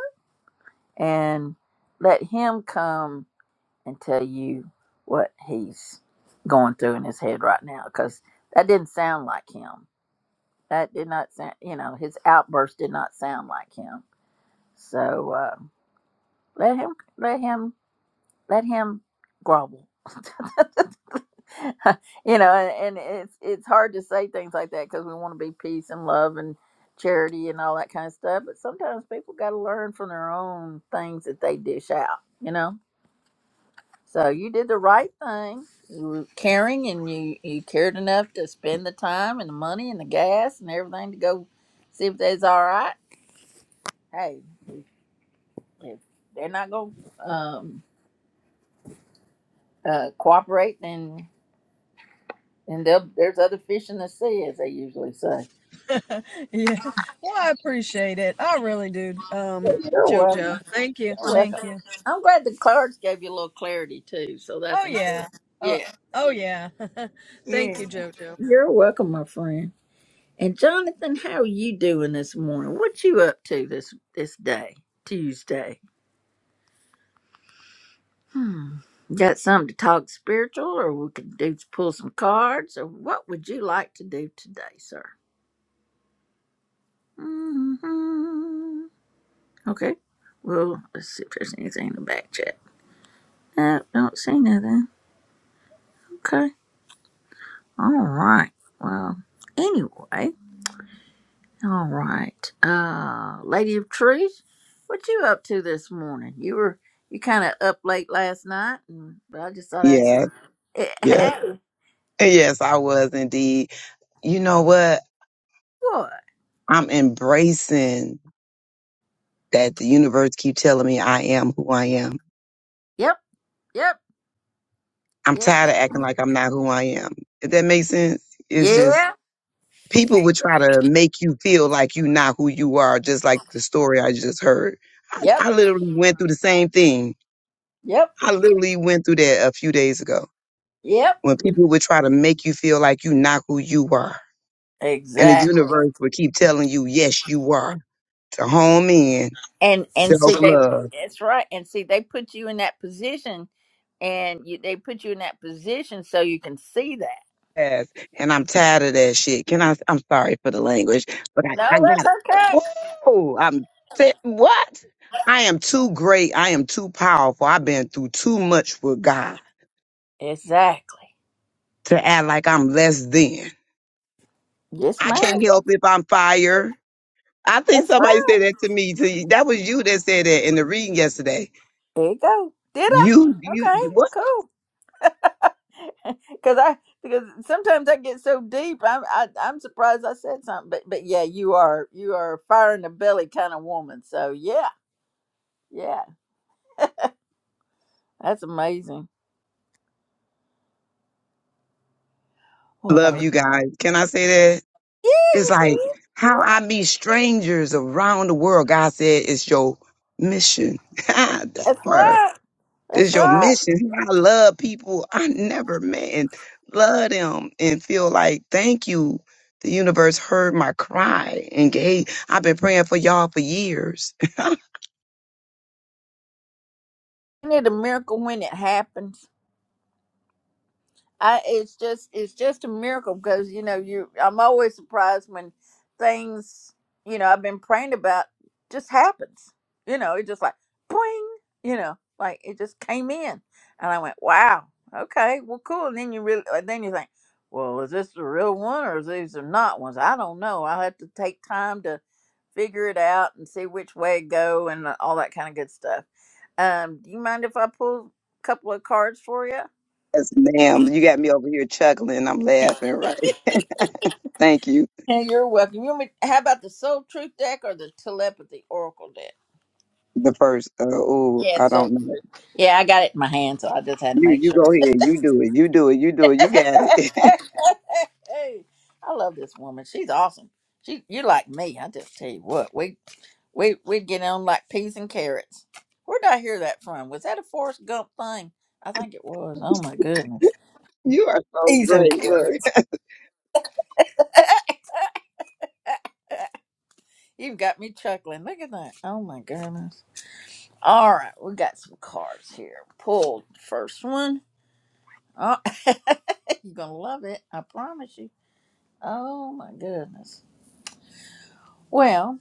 S1: know. And let him come and tell you what he's going through in his head right now because that didn't sound like him. That did not sound, you know, his outburst did not sound like him. So uh, let him, let him, let him grovel. you know, and, and it's it's hard to say things like that because we want to be peace and love and charity and all that kind of stuff. But sometimes people got to learn from their own things that they dish out. You know So you did the right thing. You were caring and you, you cared enough to spend the time and the money and the gas and everything to go see if they's all right. Hey, if they're not going to um, uh, cooperate, then, then they'll- there's other fish in the sea, as they usually say.
S2: yeah. Well, I appreciate it. I really do. Um,
S1: You're
S2: JoJo.
S1: welcome.
S2: Thank you.
S1: You're welcome.
S2: thank you.
S1: I'm glad the cards gave you a little clarity, too. So that's
S2: Oh yeah.
S1: important.
S2: Uh,
S1: Yeah.
S2: oh yeah. Thank
S1: Yeah.
S2: you, JoJo.
S1: You're welcome, my friend. And Jonathan, how are you doing this morning? What you up to this this day, Tuesday? Hmm. Got something to talk spiritual, or we could do pull some cards, or what would you like to do today, sir? hmm Okay. Well, let's see if there's anything in the back chat. Uh, don't see nothing. Okay. All right. Well, anyway. All right. Uh Lady of Truth, what you up to this morning? You were you kinda up late last night and but I just thought I'd say,
S7: Yeah,
S1: Eh,
S7: yeah.
S1: Hey,
S7: Yes, I was indeed. You know what?
S1: what?
S7: I'm embracing that the universe keep telling me I am who I am.
S1: Yep, yep,
S7: I'm
S1: yes
S7: tired of acting
S1: ma'am.
S7: like I'm not who I am. If that makes sense, it's just
S1: Yeah,
S7: people would try to make you feel like you're not who you are, just like the story I just heard. I,
S1: yep,
S7: I literally went through the same thing.
S1: yep,
S7: I literally went through that a few days ago
S1: yep.
S7: when people would try to make you feel like you're not who you are. And the
S1: Exactly.
S7: universe will keep telling you, yes, you are. To home in,
S1: And and
S7: self
S1: see they
S7: love.
S1: that's right. And see they put you in that position and you, they put you in that position so you can see that.
S7: Yes. And I'm tired of that shit. Can I? I'm sorry for the language, but I, I
S1: No,
S7: got
S1: that's okay.
S7: it. Oh, I'm fit- what? I am too great. I am too powerful. I've been through too much with God
S1: Exactly.
S7: to act like I'm less than.
S1: Yes,
S7: I
S1: ma'am.
S7: can't help if I'm fired. I think
S1: That's
S7: somebody
S1: right.
S7: said that to me. To you. That was you that said that in the reading yesterday.
S1: There you go. Did I?
S7: You, you,
S1: Okay,
S7: what?
S1: cool. Because I because sometimes I get so deep, I'm I, I'm surprised I said something. But but yeah, you are you are a fire in the belly kind of woman. So yeah, yeah, that's amazing. Well,
S7: Love you guys. Can I say that?
S1: yeah,
S7: It's
S1: you
S7: like
S1: did.
S7: how I meet strangers around the world. God said it's your mission. that
S1: That's
S7: part
S1: right.
S7: is
S1: That's
S7: your
S1: right.
S7: mission. I love people I never met and love them and feel like thank you. The universe heard my cry and gave. I've been praying for y'all for years.
S1: Isn't it a miracle when it happens? I it's just it's just a miracle because you know you I'm always surprised when things you know I've been praying about just happens. You know, it just like boing, you know, like it just came in, and I went, wow, okay, well, cool. And then you really, and then you think, well, is this the real one or is these are not ones? I don't know. I'll have to take time to figure it out and see which way it go and all that kind of good stuff. Um, do you mind if I pull a couple of cards for you?
S7: yes, ma'am. You got me over here chuckling. I'm laughing, right? Thank you.
S1: Yeah, you're welcome. You want me, how about the Soul Truth deck or the Telepathy Oracle deck?
S7: The first, uh, oh,
S1: Yeah,
S7: I
S1: it's Soul
S7: don't know.
S1: Truth. Yeah, I got it in my hand, so I just had to
S7: You,
S1: make
S7: you
S1: sure.
S7: go ahead. You do it. You do it. You do it. You got it.
S1: hey, I love this woman. She's awesome. She, you like me? I just tell you what, we we we'd get on like peas and carrots. Where did I hear that from? Was that a Forrest Gump thing? I think it was. Oh my goodness,
S7: You are so
S1: peas and
S7: great. Look,
S1: carrots. You've got me chuckling. Look at that. Oh my goodness. All right, we got some cards here. Pulled the first one. Oh, you're gonna love it. I promise you. Oh my goodness. Well,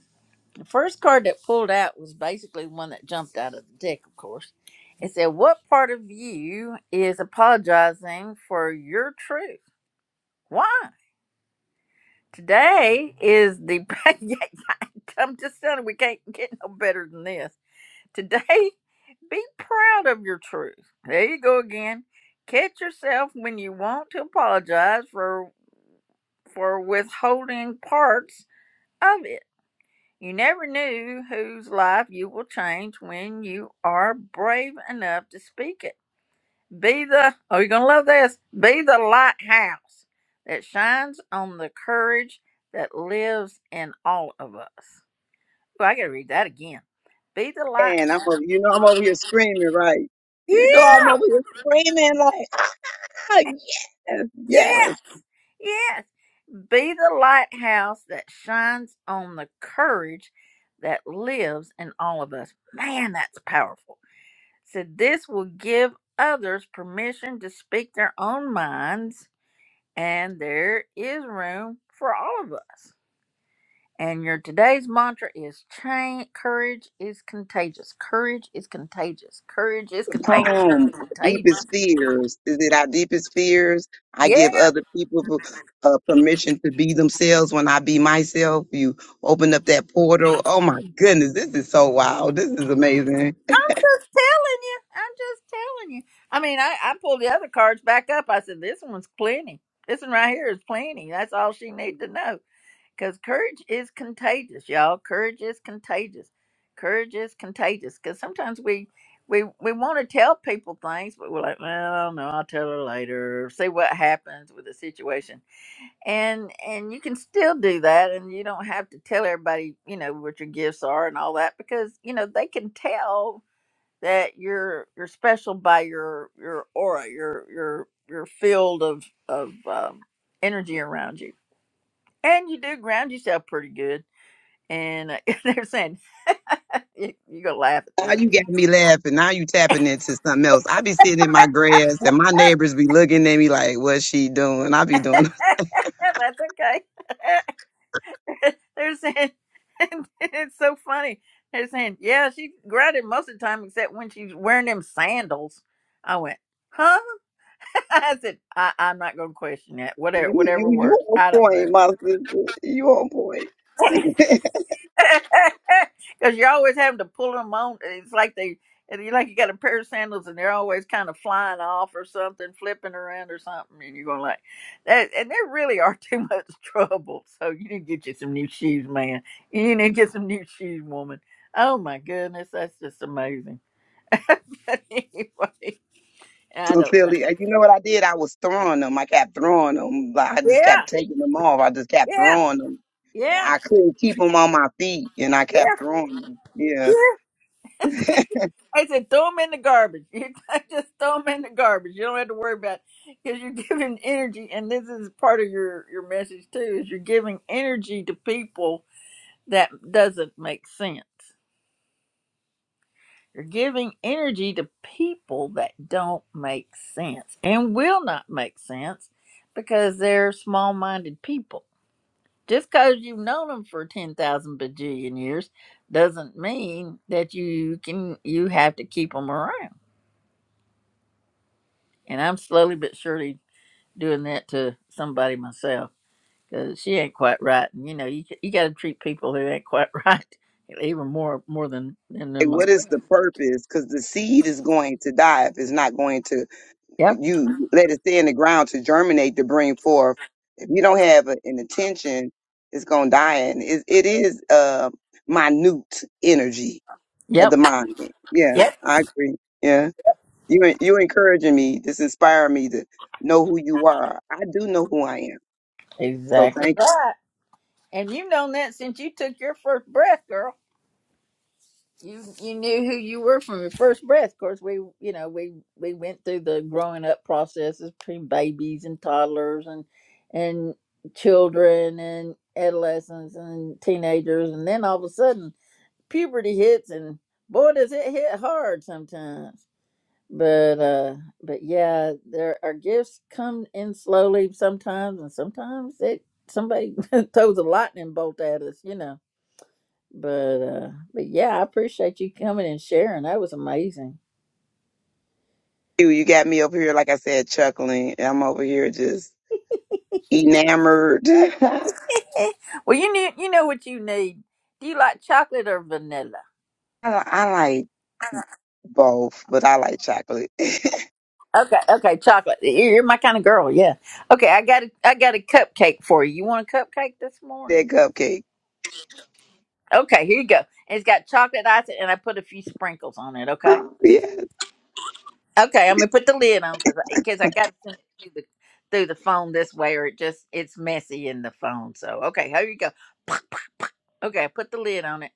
S1: the first card that pulled out was basically one that jumped out of the deck, of course. It said, "What part of you is apologizing for your truth? Why? Today is the. I'm just telling you, we can't get no better than this. Today, be proud of your truth. There you go again. Catch yourself when you want to apologize for for withholding parts of it. You never knew whose life you will change when you are brave enough to speak it. Be the oh you're gonna love this. Be the lighthouse that shines on the courage that lives in all of us. Well, I gotta read that again. Be the light.
S7: and I'm over, you know I'm over here screaming, right?
S1: Yeah,
S7: You know I'm over here screaming like, ah, yes,
S1: yeah.
S7: yes.
S1: Yes. Be the lighthouse that shines on the courage that lives in all of us. Man, that's powerful. Said this will give others permission to speak their own minds, and there is room for all of us. And your today's mantra is change. Courage is contagious. Courage is contagious. Courage is
S7: The
S1: contagious.
S7: poem, Our deepest
S1: Contagious.
S7: fears. Is it our deepest fears? I
S1: Yeah.
S7: give other people uh, permission to be themselves when I be myself. You open up that portal. Oh my goodness, this is so wild. This is amazing.
S1: just telling you. I'm just telling you. I mean, I, I pulled the other cards back up. I said, this one's plenty. This one right here is plenty. That's all she needed to know. Because courage is contagious, y'all. Courage is contagious. Courage is contagious. Because sometimes we we we want to tell people things, but we're like, well, no, I'll tell her later. See what happens with the situation. And and you can still do that, and you don't have to tell everybody, you know, what your gifts are and all that, because you know they can tell that you're you're special by your your aura, your your your field of of um, energy around you, and you do ground yourself pretty good. And uh, they're saying you, you gonna laugh at
S7: Now
S1: this.
S7: you got me laughing. Now you tapping into something else. I be sitting in my grass and my neighbors be looking at me like, what's she doing? I be doing
S1: That's okay. they're saying it's so funny. They're saying yeah, she grounded most of the time except when she's wearing them sandals. I went, huh? I said I, I'm not gonna question that.
S7: You
S1: Whatever whatever
S7: you you
S1: works.
S7: on
S1: I don't know.
S7: point, my sister. You on point.
S1: Because you're always having to pull them on. It's like they, and you like you got a pair of sandals and they're always kind of flying off or something, flipping around or something, and you're going like, that, and there really are too much trouble. So you need to get you some new shoes, man. You need to get some new shoes, woman. Oh my goodness, that's just amazing. anyway, I don't know.
S7: Sincerely, and you know what I did? I was throwing them. I kept throwing them. Like, I just
S1: Yeah,
S7: kept taking them off. I just kept
S1: yeah,
S7: throwing them.
S1: yeah,
S7: I couldn't keep them on my feet, and I
S1: yeah,
S7: kept throwing them. Yeah.
S1: yeah. I said, throw them in the garbage. You just throw them in the garbage. You don't have to worry about because you're giving energy, and this is part of your your message too. Is you're giving energy to people that doesn't make sense. You're giving energy to people that don't make sense and will not make sense because they're small-minded people. Just because you've known them for ten thousand bajillion years doesn't mean that you can you have to keep them around And I'm slowly but surely doing that to somebody myself because she ain't quite right. And you know, you you got to treat people who ain't quite right even more more than than them.
S7: Like, what
S1: myself.
S7: is the purpose? Because the seed is going to die if it's not going to
S1: Yep,
S7: you let it stay in the ground to germinate to bring forth. If you don't have a, an intention, it's gonna die, and it, it is uh minute energy of the
S1: yep,
S7: mind. Yeah,
S1: yep.
S7: I agree. Yeah, you en- you encouraging me. This inspiring me to know who you are. I do know who I am. So
S1: Exactly
S7: thank
S1: right. And you've known that since you took your first breath, girl. You you knew who you were from your first breath. Of course, we you know we we went through the growing up processes between babies and toddlers and and children and adolescents and teenagers, and then all of a sudden puberty hits and boy does it hit hard sometimes but uh but yeah there our gifts come in slowly sometimes and sometimes it somebody throws a lightning bolt at us you know but uh but yeah i appreciate you coming and sharing that was amazing
S7: you. You got me over here, like I said, chuckling. and I'm over here just enamored. I,
S1: Eh, well you need you know what you need do you like chocolate or vanilla
S7: I like both, but I like chocolate. that
S1: okay okay chocolate you're my kind of girl yeah okay i got a i got a cupcake for you you want a cupcake this morning
S7: cupcake.
S1: Okay, here you go. And it's got chocolate ice, and I put a few sprinkles on it. Okay.
S7: Yeah.
S1: Okay, I'm gonna put the lid on because because I, 'cause I got to send it through the through the phone this way, or it just it's messy in the phone. So okay, here you go. Okay, I put the lid on it,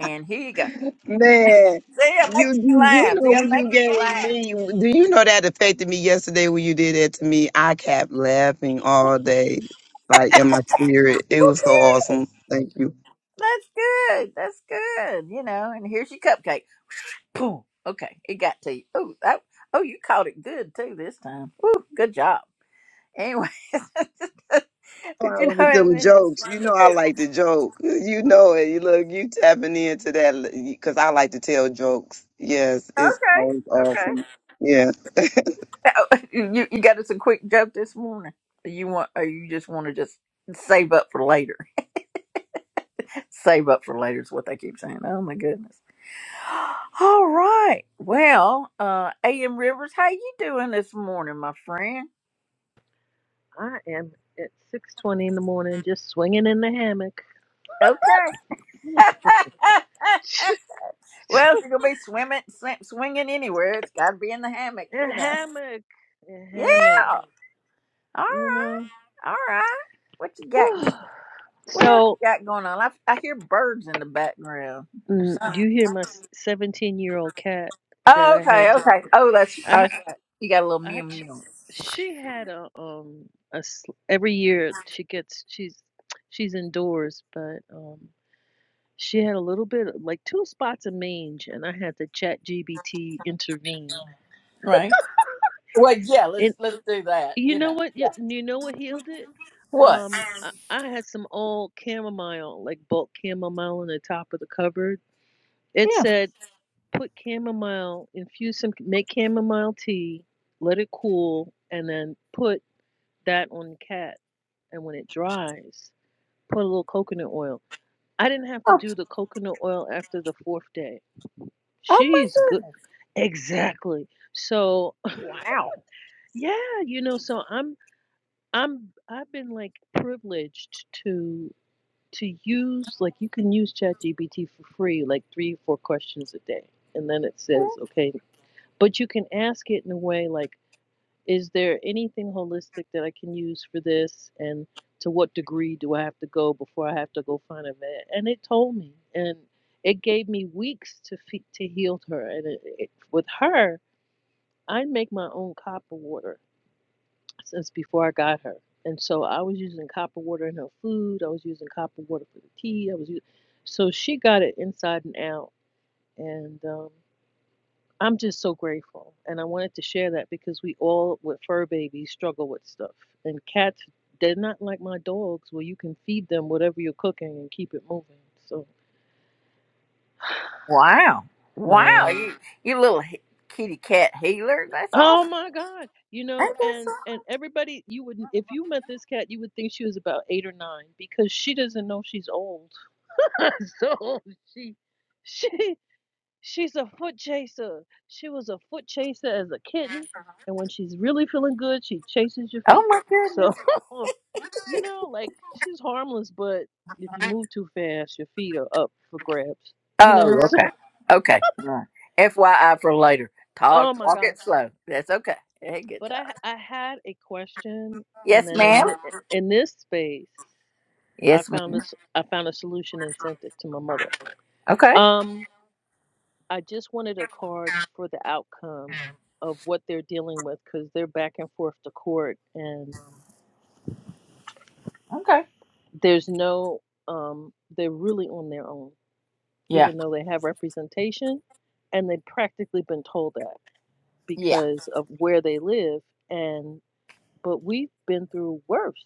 S1: and here you go.
S7: Man,
S1: See, I'm
S7: you
S1: making you
S7: do you
S1: laugh.
S7: know
S1: See, I'm
S7: when you
S1: making you
S7: gave
S1: laugh.
S7: me? Do you know that affected me yesterday when you did that to me? I kept laughing all day, like in my spirit. It
S1: Well,
S7: was so
S1: good.
S7: awesome. Thank you.
S1: That's good. That's good. You know, and here's your cupcake. Boom. Okay, it got to you. Oh, that. Oh, you caught it good too this time. Woo, good job. Anyway, but
S7: Oh, I
S1: you
S7: like
S1: know, and
S7: them
S1: then it's
S7: jokes. You
S1: funny
S7: know I
S1: that
S7: like to joke. You know it. You look, you tapping into that because I like to tell jokes. Yes, it's
S1: okay,
S7: always
S1: okay.
S7: awesome. Yeah.
S1: You you got us a quick joke this morning. You want? Or you just want to just save up for later? Save up for later is what they keep saying. Oh my goodness. All right. Well, uh, A.M. Rivers, how you doing this morning, my friend?
S8: I am at 6:20 in the morning, just swinging in the hammock.
S1: Okay. well, if you're gonna be swimming, sw- swinging anywhere, it's got to be in the hammock,
S8: A
S1: you know.
S8: hammock, a hammock.
S1: Yeah. All
S8: You
S1: right.
S8: know.
S1: All right. What you got? What else
S8: so,
S1: you got going on? I, I hear birds in the background or
S8: mm, do
S1: something.
S8: you hear my 17-year-old cat that
S1: Oh,
S8: I
S1: okay.
S8: had to?
S1: Okay. Oh, that's,
S8: I,
S1: that's right. You got a little mew
S8: I,
S1: mew,
S8: she had a um a every year she gets she's she's indoors, but um. She had a little bit, of- like two spots of mange, and I had to chat GBT intervene.
S1: right? Well, yeah.
S8: And
S1: Let's let's do that.
S8: You
S1: You
S8: know
S1: know.
S8: what? You,
S1: Yeah.
S8: you know what healed it?
S1: What?
S8: Um, I, I had some old chamomile, like bulk chamomile, on the top of the cupboard. It
S1: Yeah.
S8: said, "Put chamomile, infuse some, make chamomile tea, let it cool, and then put that on the cat. And when it dries, put a little coconut oil." I didn't have to
S1: Oh,
S8: do the coconut oil after the fourth day.
S1: oh my
S8: She's good.
S1: goodness.
S8: Exactly. So yeah, you know, so I'm I'm I've been like privileged to to use like you can use ChatGPT for free, like three, four questions a day. And then it says, okay, but you can ask it in a way like, is there anything holistic that I can use for this? And to what degree do I have to go before I have to go find a vet? And it told me, and it gave me weeks to to heal her. And it, it, with her, I make my own copper water since before I got her. And so I was using copper water in her food. I was using copper water for the tea. I was using, so she got it inside and out. And um, I'm just so grateful. And I wanted to share that because we all with fur babies struggle with stuff. And cats, they're not like my dogs where you can feed them whatever you're cooking and keep it moving. So
S1: Wow. Wow.
S8: yeah.
S1: You you little he- kitty cat healer. That's
S8: Oh
S1: awesome.
S8: my God. You know,
S1: Ain't that
S8: and and
S1: something?
S8: everybody, you would not if you met this cat, you would think she was about eight or nine because she doesn't know she's old so she she she's a foot chaser. She was a foot chaser as a kitten, and when she's really feeling good, she chases your
S1: Oh
S8: feet.
S1: my goodness.
S8: So you know, like she's harmless, but if you move too fast, your feet are up for grabs. You know,
S1: Oh,
S8: so
S1: okay. Okay. All right. FYI for later. Talk,
S8: oh my
S1: walk
S8: god.
S1: it slow. That's okay. Hey, good
S8: But
S1: job.
S8: I I had a question, and
S1: Yes,
S8: then in
S1: ma'am.
S8: this, in this space, I
S1: Yes,
S8: found
S1: ma'am.
S8: this I found a solution and sent it to my mother.
S1: Okay.
S8: Um, I just wanted a card for the outcome of what they're dealing with because they're back and forth to court and
S1: Okay.
S8: there's no, um, they're really on their own,
S1: Yeah.
S8: even though they have representation and they've practically been told that
S1: Yeah.
S8: because of where they live and but we've been through worse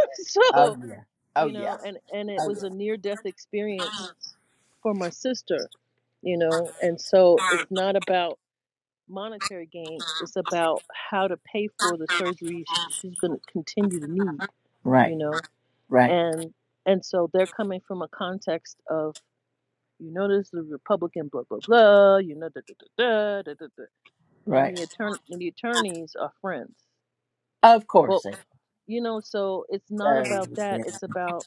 S1: Oh,
S8: so
S1: yeah. Oh,
S8: you know
S1: yeah.
S8: and and it
S1: Oh,
S8: was
S1: yeah.
S8: a near death experience for my sister you know and so it's not about monetary gains. It's about how to pay for the surgery sh- she's going to continue to need, you
S1: Right.
S8: know.
S1: Right.
S8: And and so they're coming from a context of you notice the Republican blah blah blah, you know da da da da da da, da. and
S1: Right.
S8: the attorney the attorneys are friends,
S1: Of
S8: but
S1: course. it-
S8: you know so it's not
S1: So,
S8: about that.
S1: yeah.
S8: It's about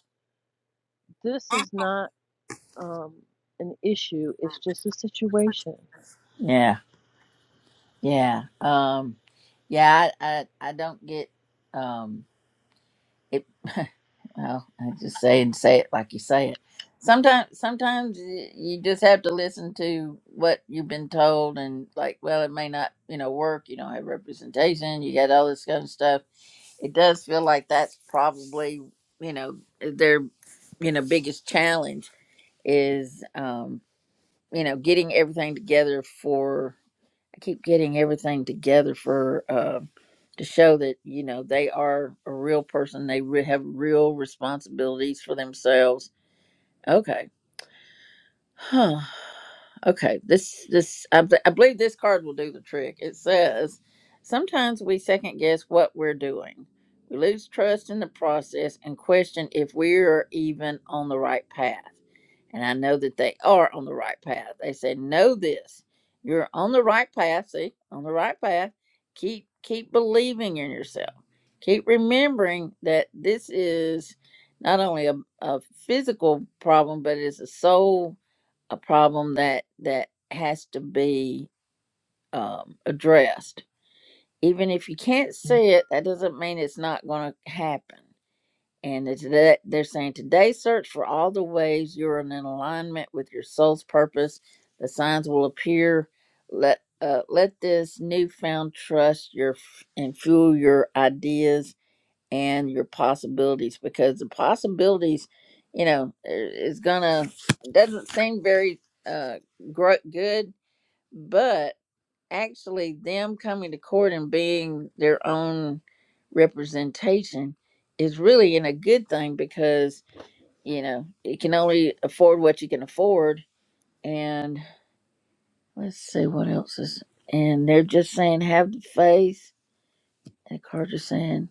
S8: this is not um, an issue. It's just a situation,
S1: Yeah. Yeah. Um, yeah. I, I, I don't get, um, Well, I just say and say it like you say it. Sometimes, sometimes y- you just have to listen to what you've been told, and like, well, it may not, you know, work. You don't have representation. You got all this kind of stuff. It does feel like that's probably, you know, eh, their, you know, biggest challenge is, um, you know, getting everything together I keep getting everything together for uh, to show that you know they are a real person. They re- have real responsibilities for themselves. Okay. Huh. Okay. This this I, b- I believe this card will do the trick. It says, sometimes we second guess what we're doing. We lose trust in the process and question if we are even on the right path. And I know that they are on the right path. They said, know this. You're on the right path. See, on the right path. Keep keep believing in yourself. Keep remembering that this is not only a, a physical problem, but it's a soul a problem that that has to be um, addressed. Even if you can't see it, that doesn't mean it's not going to happen. And it's that they're saying today, search for all the ways you're in alignment with your soul's purpose. The signs will appear. Let uh, let this newfound trust your f- and fuel your ideas and your possibilities because the possibilities you know i- is gonna doesn't seem very uh gro- good but actually them coming to court and being their own representation is really in a good thing because you know you can only afford what you can afford and let's see what else is and they're just saying have the faith and carter's saying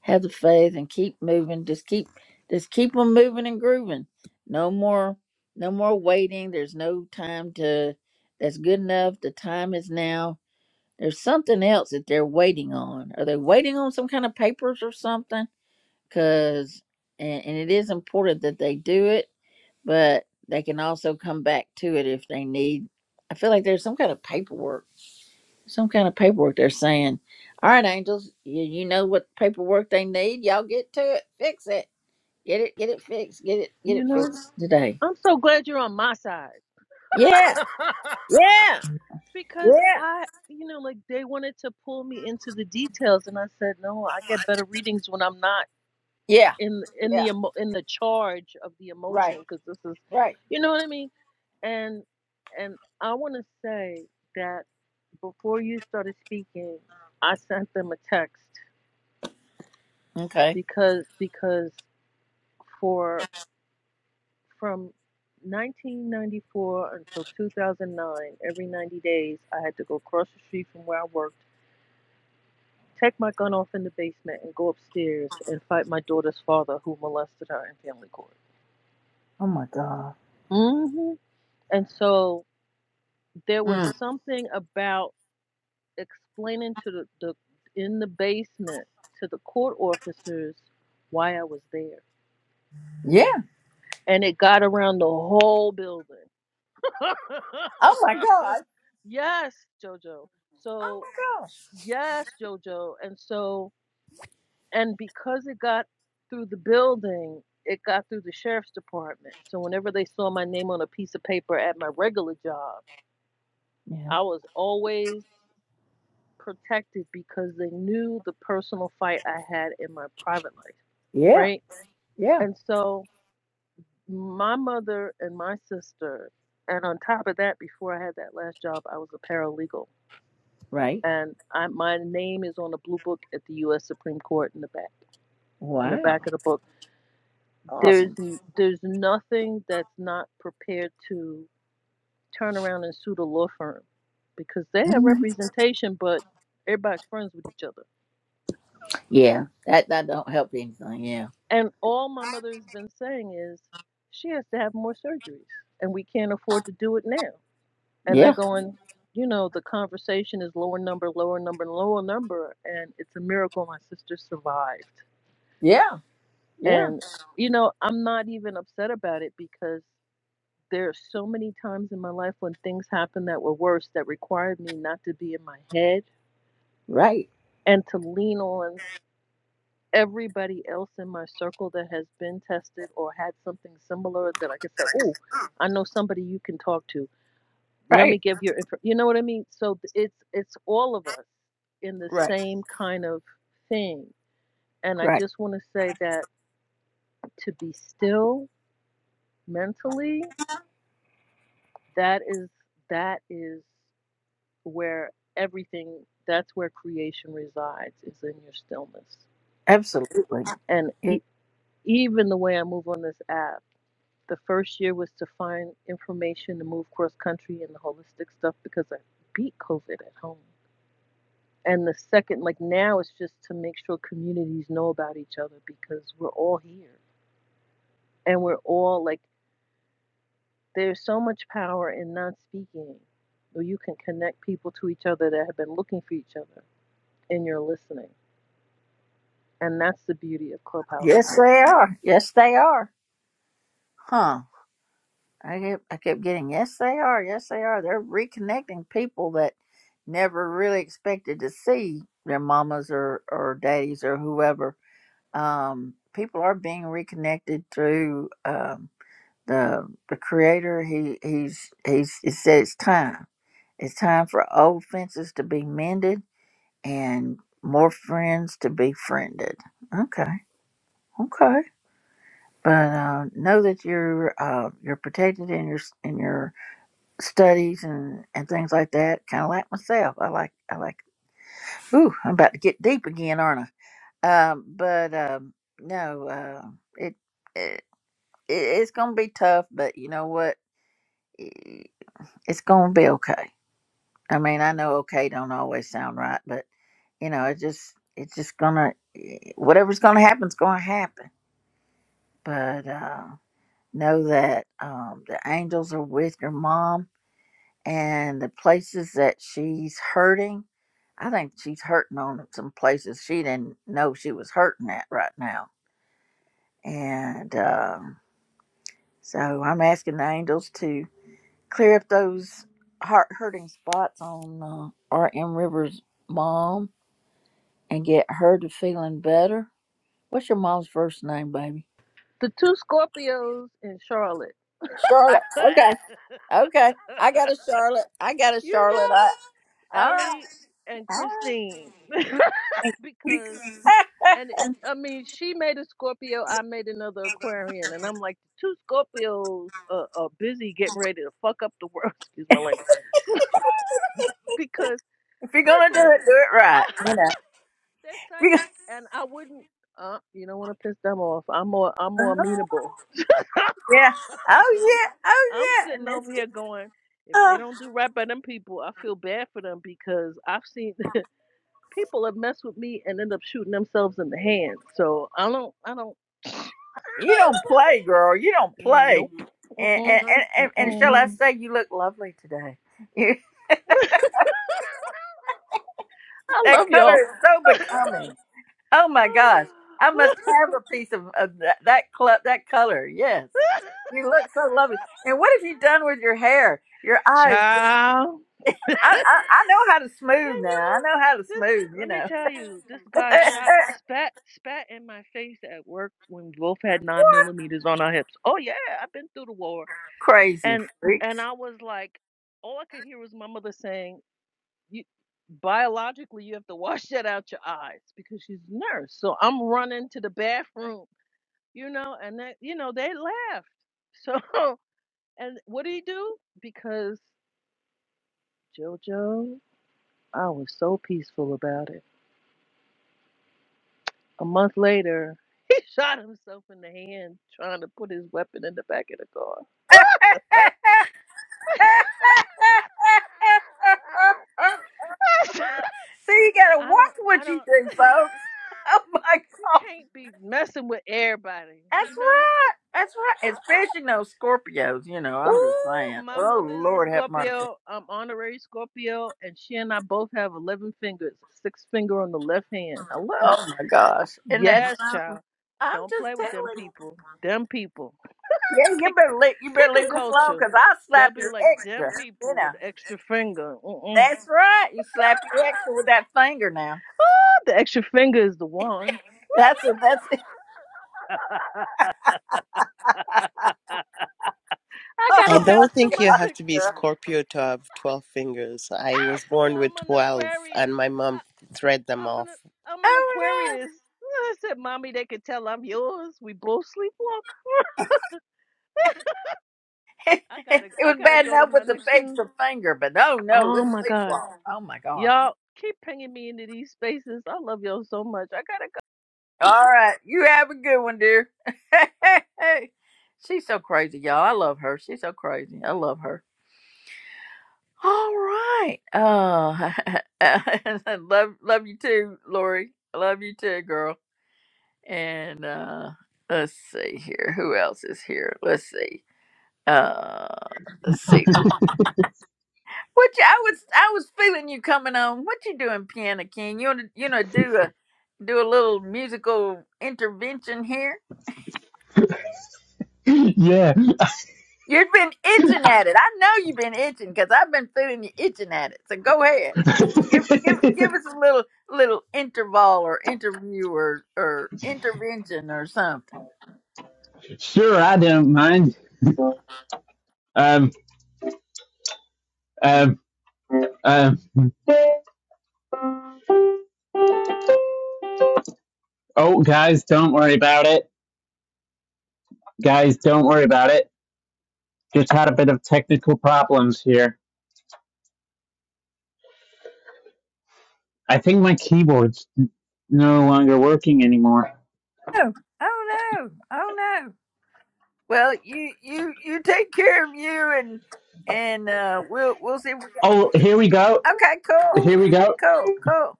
S1: have the faith and keep moving. Just keep just keep them moving and grooving. No more no more waiting. There's no time to that's good enough. The time is now. There's something else that they're waiting on. Are they waiting on some kind of papers or something? Cause and, and it is important that they do it, but they can also come back to it if they need. I feel like there's some kind of paperwork some kind of paperwork they're saying all right angels you, you know what paperwork they need y'all get to it fix it get it get it fixed get it get
S8: you
S1: it
S8: know.
S1: fixed today
S8: I'm so glad you're on my side.
S1: yeah yeah
S8: because
S1: yeah
S8: I, you know, like they wanted to pull me into the details, and I said, no, I get better readings when I'm not
S1: yeah
S8: in in the
S1: yeah
S8: emo- in the charge of the
S1: right
S8: emotion, because this is,
S1: right
S8: you know what I mean. And and I want to say that before you started speaking, I sent them a text
S1: okay
S8: because because for from 1994 until 2009, every 90 days, I had to go across the street from where I worked Take my gun off in the basement and go upstairs and fight my daughter's father who molested her in family court.
S1: oh my god
S8: mm hmm And so there was
S1: Mm.
S8: something about explaining to the, the in the basement to the court officers why I was there.
S1: yeah
S8: And it got around the whole building.
S1: oh my god
S8: yes, Jojo.
S1: oh
S8: So
S1: my gosh
S8: yes, Jojo. And so and because it got through the building, it got through the sheriff's department. So whenever they saw my name on a piece of paper at my regular job,
S1: yeah
S8: I was always protected because they knew the personal fight I had in my private life,
S1: yeah
S8: right?
S1: yeah
S8: And so my mother and my sister, and on top of that, before I had that last job, I was a paralegal,
S1: right
S8: and I, my name is on the blue book at the U.S. Supreme Court in the back, in the
S1: wow
S8: back of the book There's
S1: awesome
S8: there's nothing that's not prepared to turn around and sue the law firm because they have
S1: Mhm.
S8: representation, but everybody's friends with each other.
S1: yeah that that don't help anything yeah
S8: And all my mother has been saying is she has to have more surgeries, and we can't afford to do it now. And they're
S1: yeah
S8: going, you know, the conversation is lower number, lower number, and lower number, and it's a miracle my sister survived.
S1: yeah yeah
S8: And you know, I'm not even upset about it because There are so many times in my life when things happened that were worse that required me not to be in my head
S1: right
S8: and to lean on everybody else in my circle that has been tested or had something similar that I could say, "Oh, I know somebody you can talk to. Let me
S1: right
S8: give your info." You know what I mean? So it's it's all of us in the
S1: right
S8: same kind of thing. And I
S1: Right.
S8: just want to say that to be still mentally, that is that is where everything that's where creation resides is in your stillness
S1: Absolutely.
S8: and
S1: Y-
S8: e- even the way i move on this app the first year was to find information to move cross country and the holistic stuff because i beat covid at home and the second like now it's just to make sure communities know about each other because we're all here and we're all like there's so much power in not speaking where you can connect people to each other that have been looking for each other and you're listening And that's the beauty of Clubhouse for
S1: Yes,
S8: me.
S1: they are. Yes, they are. Huh. I kept, I kept getting, yes, they are. Yes, they are. They're reconnecting people that never really expected to see their mamas or, or daddies or whoever. Um, people are being reconnected through um, the the creator. He he's he's he said it's time. It's time for old fences to be mended and more friends to be friended. Okay. Okay. but uh, know that you're uh, you're protected in your in your studies and, and things like that. Kind of like myself, I like I like. Ooh, I'm about to get deep again, aren't I? Um, but um, no, uh, it, it it it's gonna be tough, but you know what? I- It's gonna be okay. I mean, I know okay don't always sound right, but you know, it just it's just gonna e, whatever's gonna happen's gonna happen. But uh, know that um, the angels are with your mom and the places that she's hurting. I think she's hurting on some places she didn't know she was hurting at right now. And um, so I'm asking the angels to clear up those heart hurting spots on uh, R.M. Rivers' mom and get her to feeling better. What's your mom's first name, baby?
S8: The two Scorpios in Charlotte.
S1: Charlotte. Okay. Okay. I got a Charlotte. I got a
S8: you
S1: Charlotte. I,
S8: know,
S1: all right.
S8: Ellie and
S1: All right.
S8: Christine. because and it I mean, she made a Scorpio, I made another Aquarian, and I'm like, the two Scorpios are, are busy getting ready to fuck up the world. Excuse my language. because
S1: if you're gonna do
S8: listen,
S1: it, do it right. You know.
S8: they're
S1: If you're gonna-
S8: psychic, and I wouldn't. Uh, you don't want to piss them off. I'm more, I'm more
S1: Uh-huh.
S8: amenable.
S1: yeah. Oh
S8: I'm,
S1: yeah. Oh
S8: I'm
S1: yeah. And
S8: sitting
S1: it's,
S8: over
S1: it's
S8: here going, if
S1: uh,
S8: they don't do right by them people, I feel bad for them because I've seen people have messed with me and end up shooting themselves in the hand. So I don't, I don't, I
S1: you don't
S8: don't bother.
S1: play, girl. You don't play.
S8: Nope.
S1: And
S8: Mm-mm.
S1: and and, and, and shall
S8: Mm-mm.
S1: I say, you look lovely today. You,
S8: I
S1: that
S8: love
S1: color
S8: y'all.
S1: is so becoming. Oh my gosh. I must have a piece of, of that, that cl- that color. Yes. You look so lovely. And what have you done with your hair? Your eyes.
S8: Ciao.
S1: I, I, I know how to
S8: Can
S1: smooth now. I
S8: you?
S1: know how to
S8: This
S1: smooth, you
S8: let me
S1: know.
S8: tell you, this guy shot spat spat in my face at work when we both had nine millimeters on our hips. Oh yeah, I've been through the war.
S1: Crazy
S8: And and
S1: freaks.
S8: I was like, all I could hear was my mother saying, You biologically you have to wash that out your eyes because she's a nurse. So I'm running to the bathroom, you know, and that you know, they laughed. So and what did he do? Because Jojo, I was so peaceful about it. A month later, he shot himself in the hand trying to put his weapon in the back of the car.
S1: See, you gotta
S8: I don't,
S1: watch
S8: I
S1: what you
S8: don't.
S1: do, folks. Oh
S8: You
S1: my
S8: can't be messing with everybody,
S1: That's
S8: you know.
S1: right. That's right. Especially those Scorpios, you know, I'm just
S8: Ooh,
S1: saying.
S8: my
S1: Oh
S8: mother is a
S1: Lord have mercy.
S8: Scorpio. I'm honorary Scorpio, and she and I both have eleven fingers, a six finger on the left hand. Hello.
S1: Oh my gosh. And that's
S8: Yes, child.
S1: I'm
S8: Don't
S1: just
S8: play with
S1: telling
S8: them
S1: you.
S8: people. Them people.
S1: Yeah,
S8: Pick.
S1: you better leave you better
S8: Pick a
S1: leave this alone
S8: culture.
S1: because I'll
S8: They'll
S1: slap
S8: be
S1: you
S8: like
S1: extra.
S8: them
S1: You
S8: people
S1: know.
S8: with the extra finger. Mm-mm.
S1: That's right. You slap you extra with that finger now.
S8: Ah, the extra finger is the wand.
S1: That's it. That's it.
S8: I gotta
S4: I
S1: Oh,
S4: don't
S8: bounce to
S4: think
S8: my
S4: you
S1: my
S4: have
S8: six.
S4: to be
S1: God.
S4: Scorpio to have 12 fingers. I was born
S8: no,
S4: with
S8: I'm an
S4: 12, and
S8: Aquarian.
S4: my mom
S8: I,
S4: thread them
S8: I'm an
S4: off.
S8: I'm an
S1: oh
S8: Aquarius. I said, "Mommy, they can tell I'm yours. We both sleepwalk."
S1: no.
S8: I
S1: it
S8: gotta I
S1: was
S8: gotta
S1: bad
S8: go to
S1: enough
S8: my
S1: with the
S8: next room.
S1: extra finger, but oh no,
S8: Oh
S1: let's
S8: my god,
S1: sleepwalk. Oh my God.
S8: y'all keep pinging me into these spaces. I love y'all so much. I gotta go.
S1: All right. You have a good one, dear. She's so crazy, y'all. I love her. She's so crazy. I love her. All right. Oh, love, love you too, Lori. I love you too, girl. And uh let's see here. Who else is here? Let's see. Uh, let's see. What you, I was, I was feeling you coming on. What you doing, Piano King? You wanna, you know, do a, do a little musical intervention here?
S6: Yeah.
S1: You've been itching at it. I know you've been itching because I've been feeling you itching at it. So go ahead. Give give give us a little little interval or interview or, or intervention or something.
S6: sure, I don't mind. Um, um, um, oh, guys, don't worry about it. Guys, don't worry about it. Just had a bit of technical problems here. I think my keyboard's no longer working anymore.
S1: Oh, oh no. Oh no. Well, you you you take care of you and and uh we'll we'll see what-
S6: Oh, here we go.
S1: Okay, cool.
S6: Here we go.
S1: Cool, cool.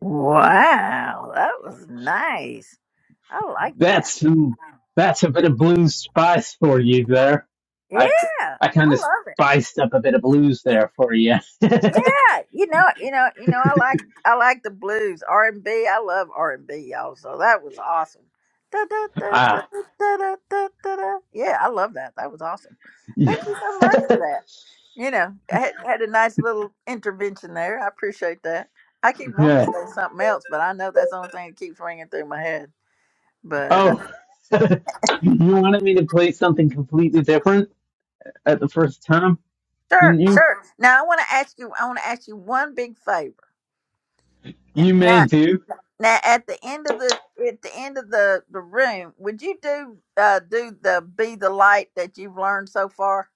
S1: Wow, that was nice. I like that.
S6: That's some, that's a bit of blues spice for you there.
S1: Yeah.
S6: I I
S1: I
S6: kind of
S1: love it.
S6: spiced up a bit of blues there for you.
S1: Yeah, you know, you know, you know. I like, I like the blues, R and B. I love R and B, y'all. So that was awesome. Da, da, da, da,
S6: ah,
S1: da, da, da, da, da. Yeah, I love that. That was awesome.
S6: yeah.
S1: Thank you so much for that. You know, I had, had a nice little intervention there. I appreciate that. I keep wanting to
S6: yeah.
S1: say something else, but I know that's the only thing that keeps ringing through my head. But uh,
S6: Oh, you wanted me to play something completely different at the first time, didn't
S1: sure,
S6: you?
S1: sure. Now I want to ask you. I want to ask you one big favor.
S6: You may do.
S1: Now, at the end of the at the end of the the room, would you do uh do the be the light that you've learned so far?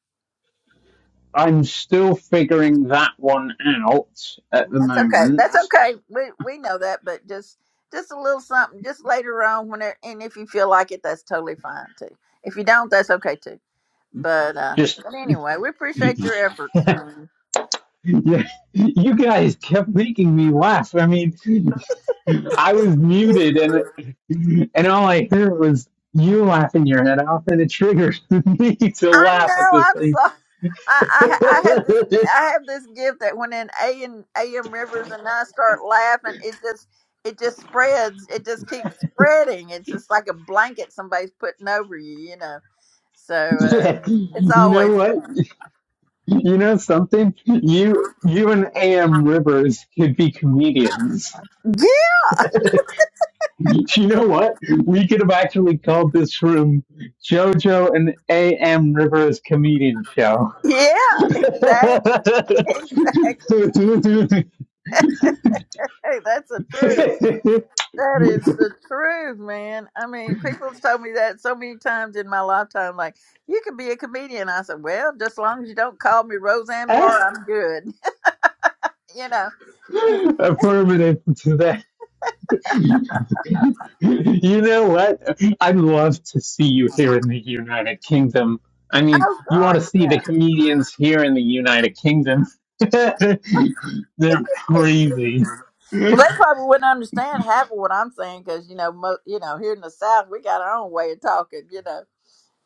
S6: I'm still figuring that one out at the
S1: That's okay.
S6: moment.
S1: That's okay. We we know that, but just just a little something, just later on when it, and if you feel like it, that's totally fine too. If you don't, that's okay too. But uh,
S6: Just
S1: but anyway, we appreciate your efforts.
S6: Yeah, you guys kept making me laugh. I mean, I was muted, and and all I heard was you laughing your head off, and it triggered me to
S1: I
S6: laugh at
S1: know.
S6: this
S1: I'm
S6: thing.
S1: sorry. I, I I have this I have this gift that when an A and AM Rivers and I start laughing, it just it just spreads. It just keeps spreading. It's just like a blanket somebody's putting over you, you know. So uh,
S6: yeah,
S1: it's
S6: you
S1: always
S6: know what? You know something? You you and Am Rivers could be comedians.
S1: yeah,
S6: You know what? We could have actually called this room JoJo and A.M. Rivers Comedian Show.
S1: yeah, exactly,
S6: Affirmative
S1: exactly. Hey, that's the truth. That is the truth, man. I mean, people's told me that so many times in my lifetime. Like, you could be a comedian. I said, well, just as long as you don't call me Roseanne Barr, I'm good. you know.
S6: to that. You know what? I'd love to see you here in the United Kingdom. I mean,
S1: Oh
S6: you ought
S1: God,
S6: to see the
S1: yeah.
S6: comedians here in the United Kingdom. They're crazy.
S1: Well, they probably wouldn't understand half of what I'm saying because you know, mo- you know, here in the South, we got our own way of talking, you know.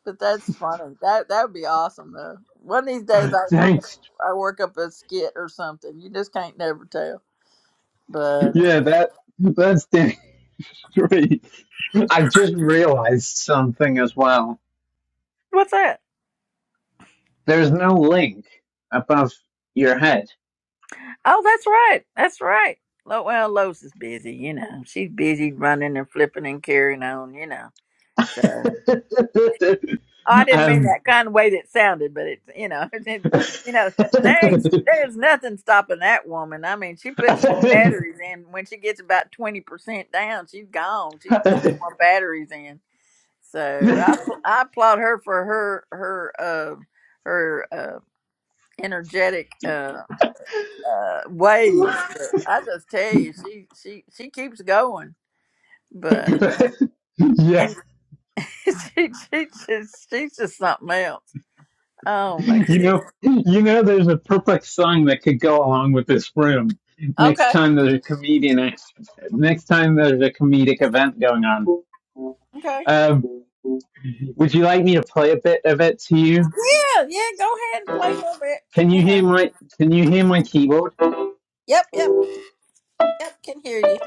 S1: But that's funny. That that would be awesome though. One of these days, I work,
S6: Thanks.
S1: I work up a skit or something. You just can't never tell. But
S6: Yeah, that that's damn straight. I just realized something as well.
S1: what's that?
S6: There's no link above your head.
S1: Oh, that's right. That's right. Lo- Well, Lois is busy, you know. She's busy running and flipping and carrying on, you know. So oh, I didn't mean
S6: um,
S1: that kind of way that sounded, but it's you know, it, you know, there there's nothing stopping that woman. I mean, she puts new
S6: yeah,
S1: batteries in when she gets about twenty percent down, she's gone. She puts some more batteries in. So I I applaud her for her her uh her uh energetic uh. uh, ways. But I just tell you, she she she keeps going, but uh, and she she just she's just something else. Oh my
S6: you
S1: goodness.
S6: know, you know, there's a perfect song that could go along with this room. Next
S1: Okay.
S6: time there's a comedian, next time there's a comedic event going on.
S1: Okay.
S6: Um, would you like me to play a bit of it to you?
S1: Yeah. Yeah. Go ahead and play a little bit.
S6: Can you
S1: You
S6: hear
S1: know.
S6: my Can you hear my keyboard?
S1: Yep. Yep. Yep. Can hear you.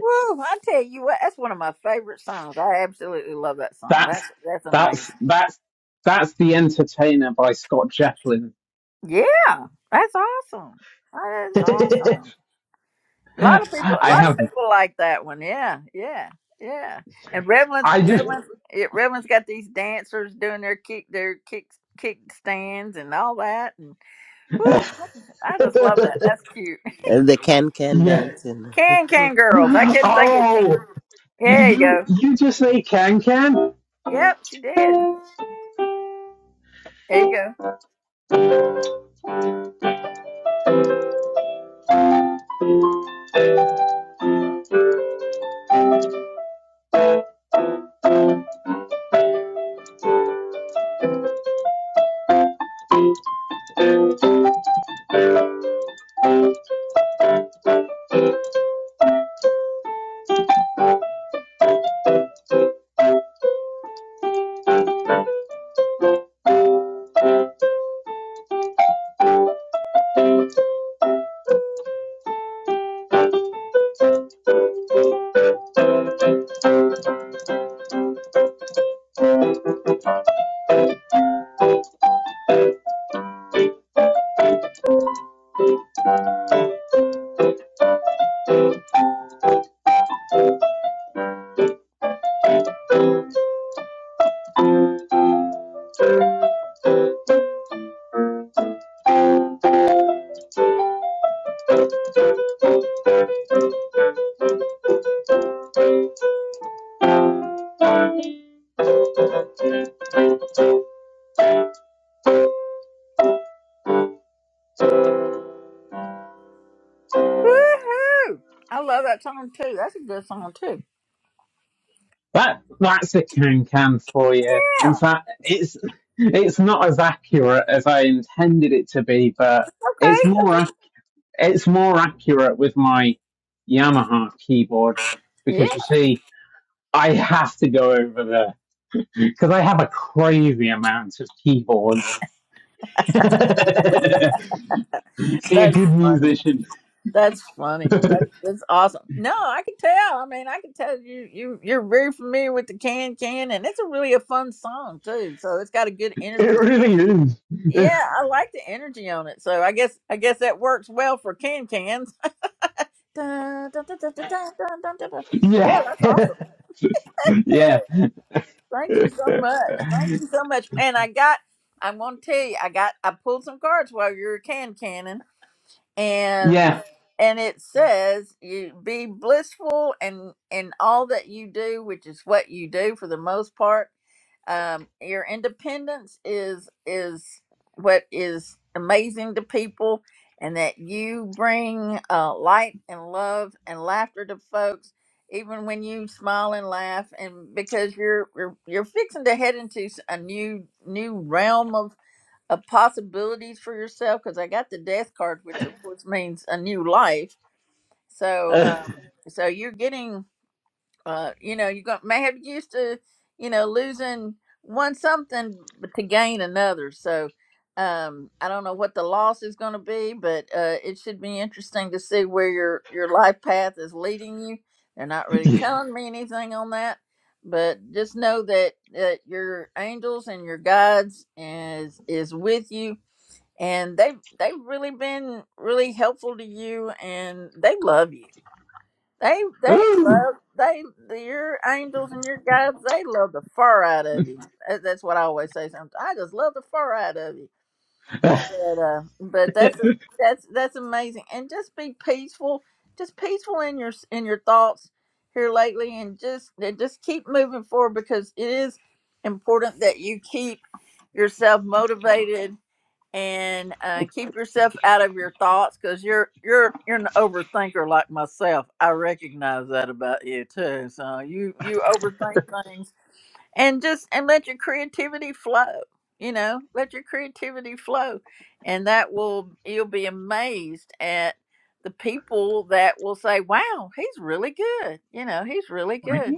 S1: Woo! I tell you what, that's one of my favorite songs. I absolutely love that song.
S6: That's
S1: That's that's amazing.
S6: that's that's that's the Entertainer by Scott Joplin.
S1: Yeah. That's awesome. That is awesome. A lot of people, a
S6: I
S1: lot of
S6: have,
S1: people like that one. Yeah, yeah, yeah. And Redlands,
S6: I just,
S1: Redlands, it, Redlands got these dancers doing their kick, their kick, kick stands and all that. And whew, I just love that. That's cute.
S4: And The can can
S6: yeah.
S4: dancing.
S1: Can Can Girls. I couldn't think of Can.
S6: Oh,
S1: There you
S6: you,
S1: go.
S6: you just say can can?
S1: Yep, she did. There you go. Woohoo! I love that song too. That's a good song too.
S6: That, that's a can can for you.
S1: Yeah.
S6: In fact, it's, it's not as accurate as I intended it to be, but it's
S1: Okay.
S6: more, ac- it's more accurate with my Yamaha keyboard because
S1: Yeah.
S6: you see, I have to go over there because I have a crazy amount of keyboards. See a
S1: That's
S6: good
S1: funny.
S6: musician.
S1: That's funny. That's,
S6: it
S1: that's awesome. No, I can tell. I mean, I can tell you you you're very familiar with the can can, and it's a really a fun song too. So it's got a good energy.
S6: really is.
S1: Yeah, I like the energy on it. So I guess I guess that works well for can cans. Dun, dun, dun, dun, dun, dun, dun, dun, dun, dun. Yeah,
S6: yeah.
S1: that's awesome.
S6: yeah.
S1: Thank you so much. Thank you so much. And I got. I'm gonna tell you, I got. I pulled some cards while you were can canning. and
S6: Yeah.
S1: and it says you be blissful and in all that you do which is what you do for the most part um your independence is is what is amazing to people and that you bring uh, light and love and laughter to folks even when you smile and laugh and because you're you're, you're fixing to head into s- a new new realm of possibilities for yourself because I got the death card, which of course means a new life. So,
S6: Uh,
S1: um, so you're getting, uh, you know, you got may have used to, you know, losing one something but to gain another. So, um, I don't know what the loss is going to be, but uh, it should be interesting to see where your your life path is leading you. They're not really
S6: yeah.
S1: telling me anything on that, but just know that that your angels and your guides is is with you and they have they've really been really helpful to you and they love you they they
S6: Ooh.
S1: love they your angels and your guides they love the fur out of you That- that's what i always say sometimes i just love the fur out of you
S6: Uh,
S1: but uh but that's that's that's amazing and just be peaceful just peaceful in your in your thoughts here lately and just and just keep moving forward because it is important that you keep yourself motivated and uh, keep yourself out of your thoughts because you're you're you're an overthinker like myself. I recognize that about you too. So you you overthink things and just and let your creativity flow. You know, let your creativity flow, and that will you'll be amazed at the people that will say, "Wow, he's really good." You know, he's really good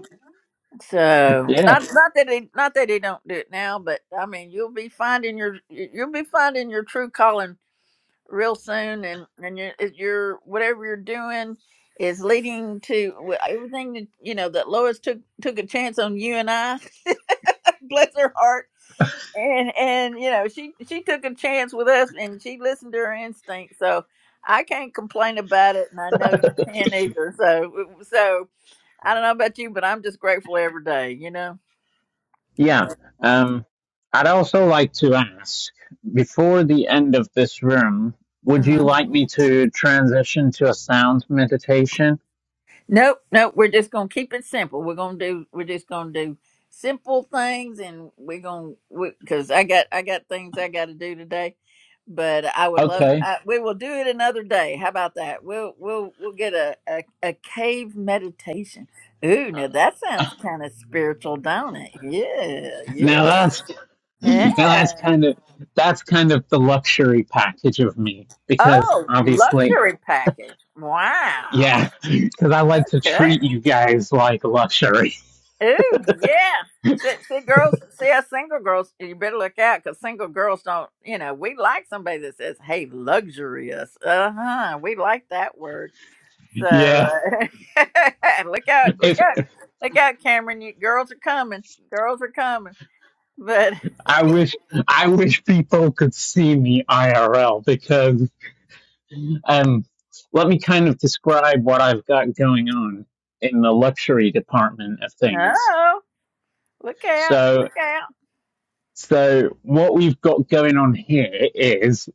S1: so
S6: yeah.
S1: not not that he not that he don't do it now, but I mean you'll be finding your you'll be finding your true calling real soon, and and your it- your whatever you're doing is leading to well, everything that you know that Lois took took a chance on you and I, bless her heart, and and you know she she took a chance with us and she listened to her instinct, so I can't complain about it, and I know you can't either. So so I don't know about you, but I'm just grateful every day, you know.
S6: Yeah.
S1: Uh-huh.
S6: Um, I'd also like to ask before the end of this room, would you like me to transition to a sound meditation?
S1: Nope, nope. We're just gonna keep it simple. We're gonna do. We're just gonna do simple things, and we're gonna because I got I got things I got to do today. But I would love.
S6: Okay.
S1: I, we will do it another day. How about that? We'll we'll we'll get a a, a cave meditation. Ooh, now that sounds kind of spiritual, don't it? Yeah,
S6: Now
S1: yeah,
S6: that's now that's
S1: yeah.
S6: kind of that's kind of the luxury package of me because
S1: Oh,
S6: obviously
S1: luxury package. Wow.
S6: Yeah, because I like to
S1: Okay.
S6: treat you guys like luxury.
S1: Ooh, yeah. See, see, girls, see us single girls, you better look out because single girls don't, you know, we like somebody that says, hey, luxurious. Uh huh. We like that word. So
S6: Yeah,
S1: uh, look out, look
S6: if
S1: out, look out, Cameron. You, girls are coming. Girls are coming. But,
S6: I wish, I wish people could see me IRL because um, let me kind of describe what I've got going on in the luxury department of things.
S1: oh, look out,
S6: So,
S1: look out.
S6: so what we've got going on here is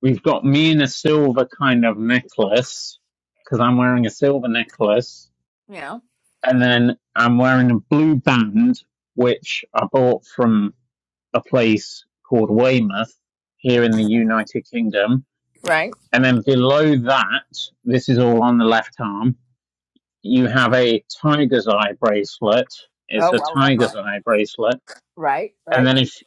S6: we've got me in a silver kind of necklace because I'm wearing a silver necklace
S1: You know,
S6: and then I'm wearing a blue band, which I bought from a place called Weymouth here in the United Kingdom.
S1: right?
S6: And then below that, this is all on the left arm, you have a tiger's eye bracelet. It's
S1: Oh,
S6: a
S1: I love
S6: tiger's
S1: that.
S6: eye bracelet.
S1: Right,
S6: And
S1: right.
S6: then if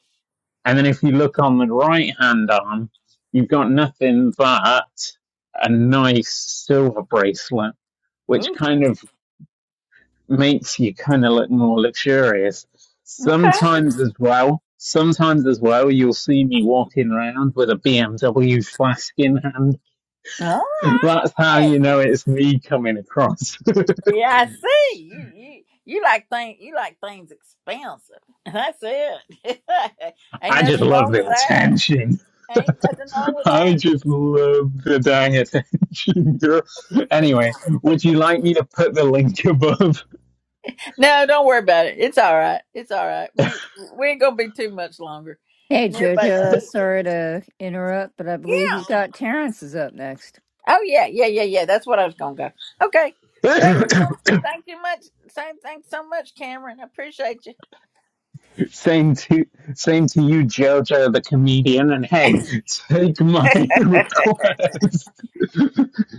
S6: and then if you look on the right hand arm, you've got nothing but a nice silver bracelet, which
S1: Ooh,
S6: kind of makes you kind of look more luxurious.
S1: okay.
S6: Sometimes as well, sometimes as well, you'll see me walking around with a BMW flask in hand.
S1: Oh,
S6: That's how
S1: yeah.
S6: you know it's me coming across.
S1: Yeah, I see. You you you like thing you like things expensive. That's it. Ain't
S6: I just
S1: nothing
S6: love
S1: wrong with
S6: the
S1: that.
S6: attention.
S1: Ain't nothing wrong with
S6: I
S1: that.
S6: just love the dang attention, girl. Anyway, would you like me to put the link above?
S1: No, don't worry about it. It's all right. It's all right. We we ain't gonna be too much longer.
S5: Hey,
S1: And everybody knows.
S5: JoJo, sorry to interrupt, but I believe
S1: Yeah.
S5: you've got Terrence is up next.
S1: Oh yeah, yeah, yeah, yeah. That's what I was gonna go. Okay. Thank you so thank you much. Thank thanks so much, Cameron. I appreciate you.
S6: same to same to you, Jojo the comedian, and hey, take my request.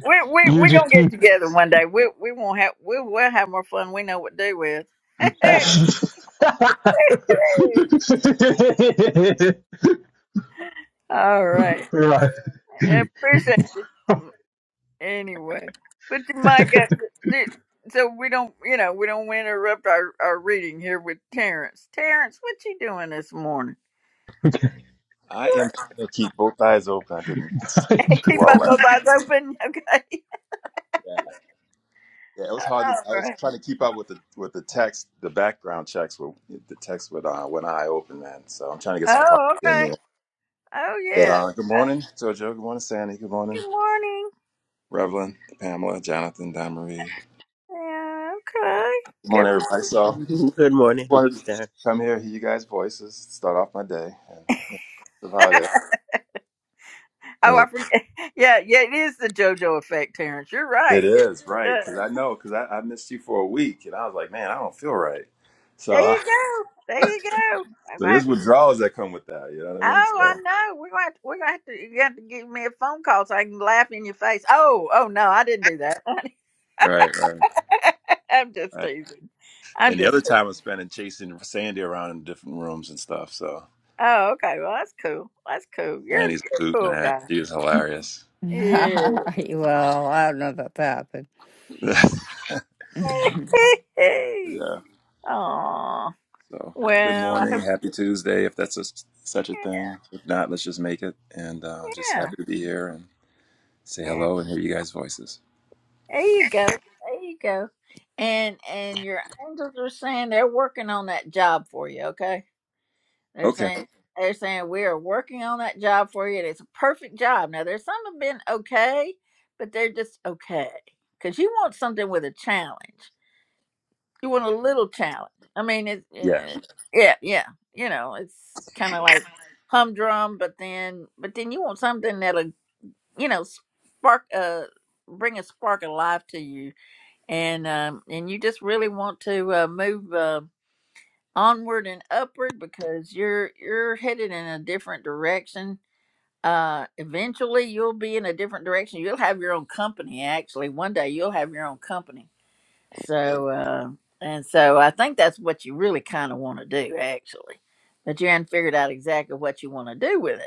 S1: We're we
S6: You
S1: we're
S6: just
S1: gonna get
S6: keep.
S1: together one day. We we won't have we will have more fun. We know what to do with. All right.
S6: right.
S1: I appreciate it anyway. Put your mic up th- so we don't you know, we don't interrupt our, our reading here with Terrence. Terrence, what you doing this morning?
S6: Okay.
S9: I am trying to keep both eyes open. I did not sleep very
S1: Keep
S9: well
S1: up
S9: last
S1: those
S9: night.
S1: eyes open, okay?
S9: Yeah, yeah, it was hard. To,
S1: All
S9: I was
S1: right.
S9: trying to keep up with the with the text, the background checks with the text with uh, one eye open, man. So I'm trying to get some coffee
S1: Oh,
S9: in
S1: okay.
S9: there.
S1: Oh
S9: But
S1: yeah.
S9: uh, good
S1: Okay.
S9: morning, Jojo. Good morning, Sandy. Good morning,
S1: Good morning.
S9: Revlon, Pamela, Jonathan, Don Marie. Good
S1: Yeah, okay. Good
S9: morning,
S1: morning.
S9: everybody. So
S4: Good
S9: I
S4: morning,
S9: wanted to
S4: sir.
S9: come here, hear you guys' voices, start off my day, and that's about it.
S1: Oh, I
S9: Right.
S1: forget. Yeah, yeah, it is the JoJo effect, Terrence. You're
S9: It
S1: right. It
S9: is
S1: really
S9: right
S1: does.
S9: because I know because I, I missed you for a week, and I was like, man, I don't feel right.
S1: There
S9: So
S1: you go. There you go. I'm
S9: So
S1: gonna
S9: there's
S1: have to.
S9: withdrawals that come with that. You know what I mean?
S1: Oh,
S9: So
S1: I know. We're gonna have to, we're gonna have to. You have to give me a phone call so I can laugh in your face. Oh, oh no, I didn't do that.
S9: right, right,
S1: I'm just
S9: right.
S1: teasing. I'm
S9: And the
S1: just.
S9: other
S1: teasing.
S9: time I spent in chasing Sandy around in different rooms and stuff. So
S1: Oh, okay. Well, that's cool. That's cool. You're,
S9: Sandy's
S1: you're a
S9: boot
S1: cool
S9: man,
S1: guy.
S9: she was
S5: well,
S9: hilarious.
S1: Yeah.
S5: I don't know about that, but.
S9: yeah.
S1: Aw.
S9: So good
S1: Well, I hope.
S9: morning, happy Tuesday, if that's a, such a thing. If not, let's just make it. And uh, just
S1: Yeah.
S9: happy to be here and say
S1: yeah.
S9: hello and hear you guys' voices.
S1: There you go. There you go. And and your angels are saying they're working on that job for you, okay? They're
S9: Okay.
S1: saying they're saying we are working on that job for you. and It's a perfect job. Now there's some have been okay, but they're just okay. Cause you want something with a challenge. You want a little challenge. I mean, it's
S9: Yeah.
S1: uh, yeah, yeah. You know, it's kind of like humdrum, but then but then you want something that'll you know spark uh bring a spark of life to you and um, and you just really want to uh, move uh, onward and upward because you're you're headed in a different direction. Uh, eventually, you'll be in a different direction. You'll have your own company. Actually, one day you'll have your own company. So uh, and so, I think that's what you really kind of want to do, actually. But you haven't figured out exactly what you want to do with it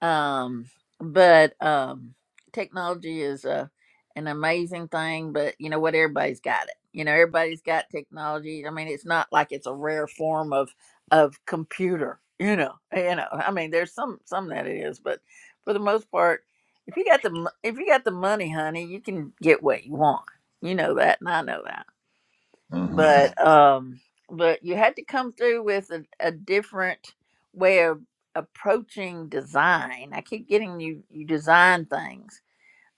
S1: um but um technology is a an amazing thing but you know what everybody's got it you know everybody's got technology i mean it's not like it's a rare form of of computer you know you know i mean there's some some that it is but for the most part if you got the mo- if you got the money honey you can get what you want you know that and i know that
S9: hmm
S1: but um but you had to come through with a, a different way of approaching design i keep getting you you design things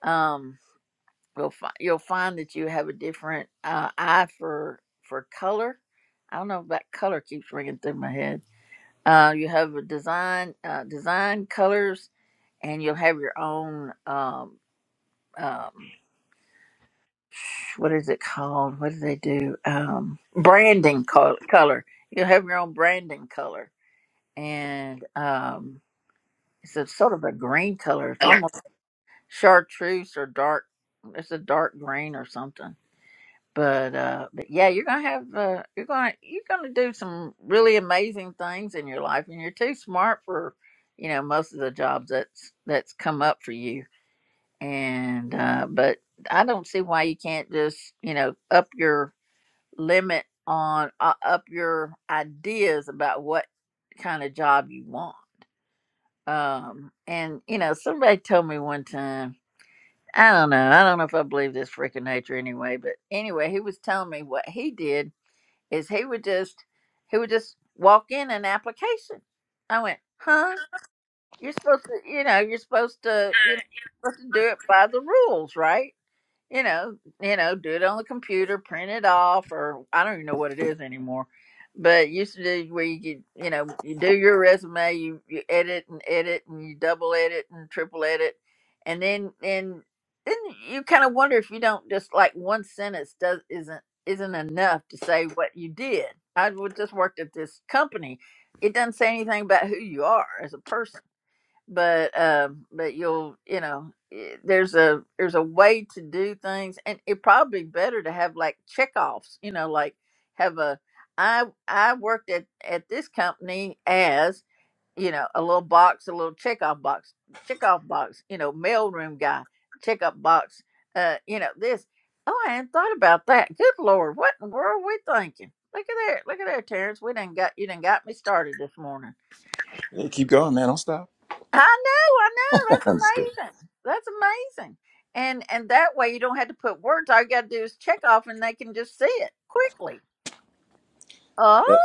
S1: um you'll, fi- you'll find that you have a different uh, eye for for color i don't know if that color keeps ringing through my head uh you have a design uh, design colors and you'll have your own um um what is it called? What do they do? Um, branding col- color. You'll have your own branding color, and um, it's a sort of a green color. It's
S9: Hey,
S1: almost chartreuse or dark. It's a dark green or something. But uh, but yeah, you're gonna have uh, you're gonna you're gonna do some really amazing things in your life, and you're too smart for you know most of the jobs that's that's come up for you. And uh, but I don't see why you can't just you know up your limit on uh, up your ideas about what kind of job you want. Um, and you know, somebody told me one time, I don't know, I don't know if I believe this freaking nature anyway, but anyway, he was telling me what he did is he would just he would just walk in an application. I went, huh? You're supposed to, you know, you're supposed to, you know, supposed to do it by the rules, right? you know, you know, do it on the computer, print it off, or I don't even know what it is anymore. But it used to do where you could, you know, you do your resume, you, you edit and edit and you double edit and triple edit, and then and then you kind of wonder if you don't just like one sentence does isn't isn't enough to say what you did. I would just worked at this company; it doesn't say anything about who you are as a person but um but you'll you know i- there's a there's a way to do things and it probably better to have like checkoffs you know like have a i i worked at at this company as you know a little box a little checkoff box checkoff box you know mailroom guy checkup box uh you know this oh i hadn't thought about that good lord what in the world are we thinking look at there look at there terrence we done got you done got me started this morning
S9: keep going, man. Don't stop.
S1: I know, I know.
S9: I'm just kidding.
S1: That's amazing. That's amazing. And and that way you don't have to put words. All you gotta do is check off and they can just see it quickly. Oh
S9: Yeah.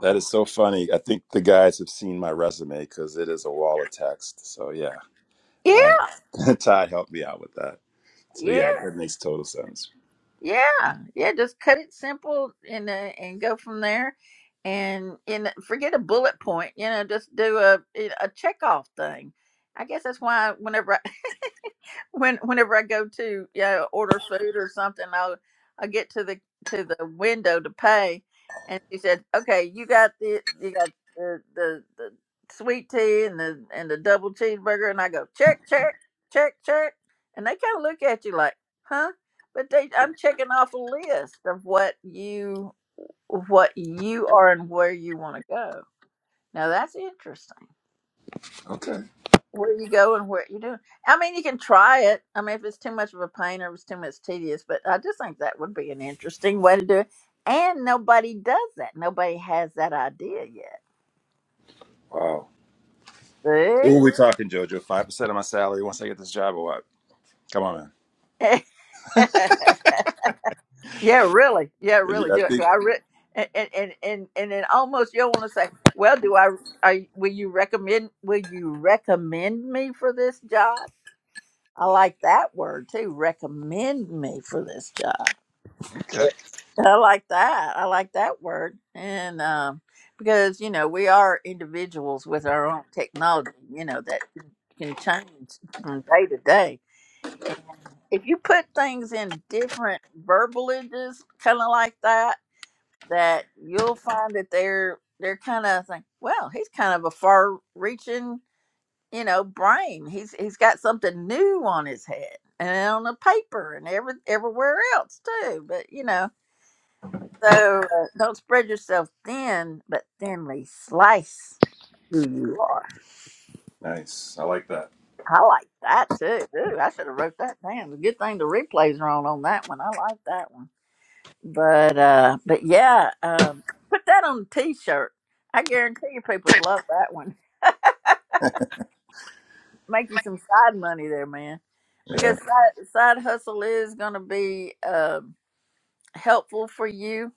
S9: That is so funny. I think the guys have seen my resume because it is a wall of text. So yeah,
S1: yeah,
S9: uh, Todd helped me out with that. So yeah,
S1: yeah,
S9: that makes total sense.
S1: yeah. Yeah, just cut it simple and uh, and go from there. And and forget a bullet point, you know, just do a a check off thing. I guess that's why whenever when whenever I go to yeah order food or something, i I get to the to the window to pay, and she said, "Okay, you got the you got the the, the sweet tea and the and the double cheeseburger," and I go check check check check, and they kind of look at you like, "Huh?" But they, I'm checking off a list of what you what you are and where you want to go. Now that's interesting
S9: Okay.
S1: where you go and what you do. I mean, you can try it. I mean, if it's too much of a pain or if it's too much tedious, but I just think that would be an interesting way to do it. And nobody does that. Nobody has that idea yet.
S9: Wow. Who are we talking, Jojo? Five percent of my salary once I get this job, or what? Come on, man.
S1: See? yeah, really. Yeah,
S9: 'Cause
S1: really.
S9: you- I
S1: Do it. Do
S9: think.
S1: I re- and, and and and and then almost you'll want to say, "Well, do I? Are, will you recommend? Will you recommend me for this job?" I like that word too. Recommend me for this job.
S9: Okay.
S1: I like that. I like that word. And um, because, you know, we are individuals with our own technology, you know, that can change from day to day. And if you put things in different verbalages, kind of like that, that you'll find that they're they're kind of think, well, he's kind of a far-reaching, you know, brain. He's he's got something new on his head and on the paper and every everywhere else too. But you know, so uh, don't spread yourself thin, but thinly slice who you are.
S9: Nice. I like that.
S1: I like that too. Ooh, I should have wrote that down. It's a good thing the replays are on on that one. I like that one. But uh, but yeah, um, put that on a t-shirt. I guarantee you, people would love that one. Make you some side money there, man,
S9: Yeah.
S1: because side, side hustle is going to be um helpful for you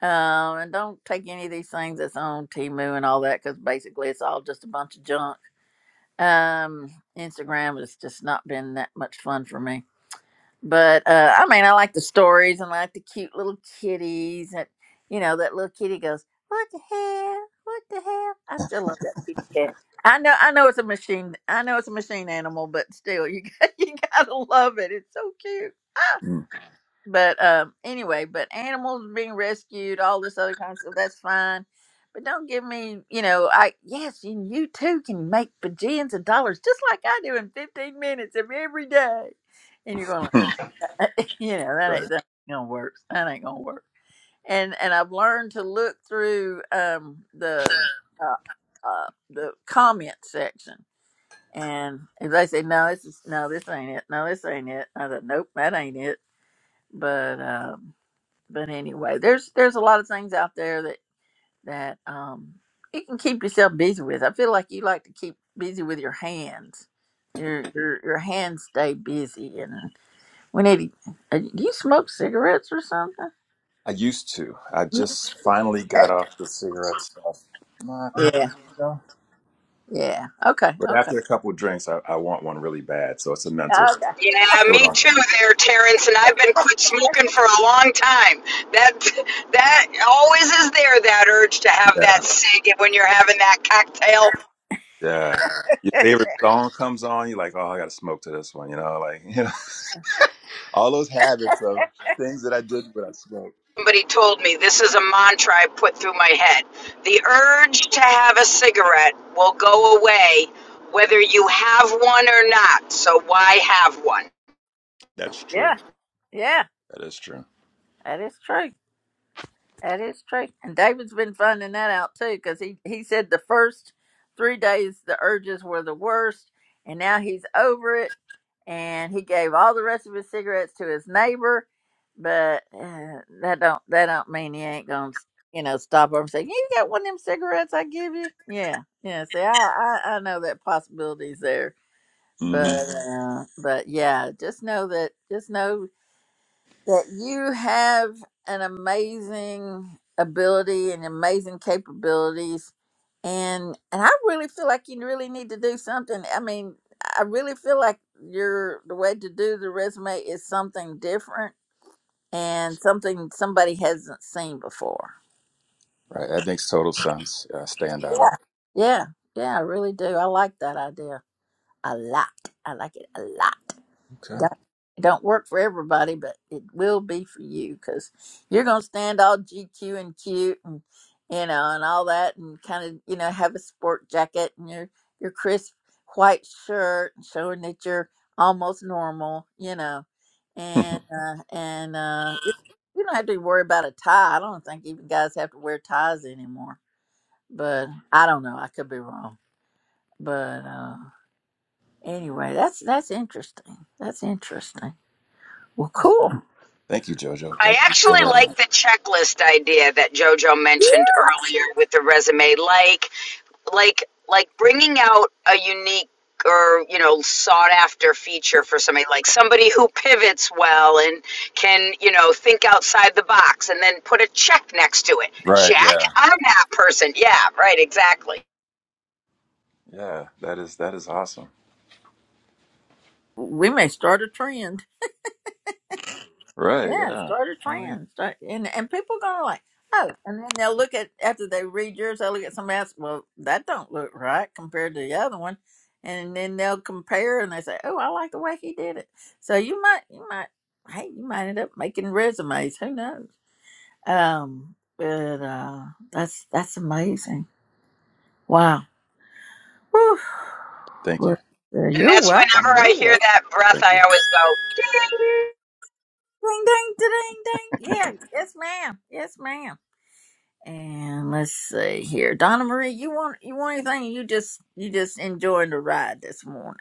S1: Um, and don't take any of these things that's on Timu and all that because basically it's all just a bunch of junk. Um, Instagram has just not been that much fun for me. But uh, I mean, I like the stories and I like the cute little kitties. And, you know, that little kitty goes, What the hell? What the hell? I still love that kitty cat. I know, I know it's a machine. I know it's a machine animal, but still, you got, you gotta love it. It's so cute.
S9: Mm.
S1: But um, anyway, but animals being rescued, all this other kind of stuff, that's fine. But don't give me, you know, I yes, you, you too can make bajillions of dollars just like I do in 15 minutes of every day. And you're going, like, you know, that ain't,
S9: right.
S1: that ain't gonna work. That ain't gonna work. And and I've learned to look through um the uh, uh the comment section. And if they say no, this is no, this ain't it. No, this ain't it. I said, nope, that ain't it. But um but anyway, there's there's a lot of things out there that that um you can keep yourself busy with. I feel like you like to keep busy with your hands. Your your your hands stay busy, and we need. To, uh, do you smoke cigarettes or something?
S9: I used to. I just finally
S1: You-
S9: got off the cigarette stuff uh, a couple
S1: Yeah,
S9: of years ago.
S1: yeah. Okay,
S9: But
S1: okay,
S9: after a couple of drinks, I, I want one really bad. So it's a mental.
S1: okay.
S10: Yeah,
S9: Still
S10: me
S9: don't
S10: too
S9: know.
S10: there, Terrence, and I've been quit smoking for a long time. That that always is there, that urge to have
S9: Yeah.
S10: that cig when you're having that cocktail.
S9: Yeah. Your favorite song comes on, you're like, oh, I got to smoke to this one, you know, like, you know, all those habits of things that I did when I smoked.
S10: Somebody told me this is a mantra I put through my head. The urge to have a cigarette will go away whether you have one or not, so why have one?
S9: That's true.
S1: Yeah, yeah.
S9: That is true.
S1: That is true. That is true. And David's been finding that out too, because he, he said the first three days the urges were the worst, and now he's over it. And he gave all the rest of his cigarettes to his neighbor, but uh, that don't that don't mean he ain't gonna you know stop over and say you got one of them cigarettes I give you. Yeah, yeah. See, I I, I know that possibility's there, but
S9: hmm
S1: uh, but yeah, just know that just know that you have an amazing ability and amazing capabilities and and I really feel like you really need to do something. I mean, I really feel like your the way to do the resume is something different and something somebody hasn't seen before.
S9: Right. That makes total sense. Yeah, stand out.
S1: Yeah. Yeah. Yeah, I really do. I like that idea a lot. I like it a lot.
S9: Okay.
S1: don't, it don't work for everybody, but it will be for you because you're going to stand all GQ and cute and, you know, and all that and kind of, you know, have a sport jacket and your, your crisp white shirt and showing that you're almost normal, you know, and, uh, and, uh, you you don't have to worry about a tie. I don't think even guys have to wear ties anymore, but I don't know. I could be wrong, but, uh, anyway, that's, that's interesting. That's interesting. Well, cool.
S9: Thank you, Jojo.
S10: I
S9: Thank you so
S10: actually
S9: very
S10: like
S9: much.
S10: the checklist idea that Jojo mentioned earlier with the resume. Like, like like bringing out a unique or you know sought after feature for somebody like somebody who pivots well and can you know think outside the box and then put a check next to it
S9: Right.
S10: Check,
S9: Yeah.
S10: i'm that person yeah right exactly
S9: Yeah. That is, that is awesome.
S1: we may start a trend.
S9: Right.
S1: Yeah,
S9: Yeah.
S1: start a
S9: Hell yeah.
S1: trend. Start, and and people gonna like, oh, and then they'll look at after they read yours, they'll look at somebody else. Well, that don't look right compared to the other one, and then they'll compare and they say, oh, I like the way he did it. So you might, you might, hey, you might end up making resumes. Who knows? Um, but uh, that's that's amazing. Wow. Whew.
S9: Thank you.
S1: Well, uh,
S10: and
S1: you're
S10: that's
S1: welcome.
S10: whenever i
S1: You're welcome.
S10: hear that breath
S9: Thank
S10: i
S9: you.
S10: always go "Ding."
S1: Ding, ding, ding, ding. Yeah, yes, ma'am. Yes, ma'am. And let's see here, Donna Marie. You want you want anything? You just you just enjoying the ride this morning.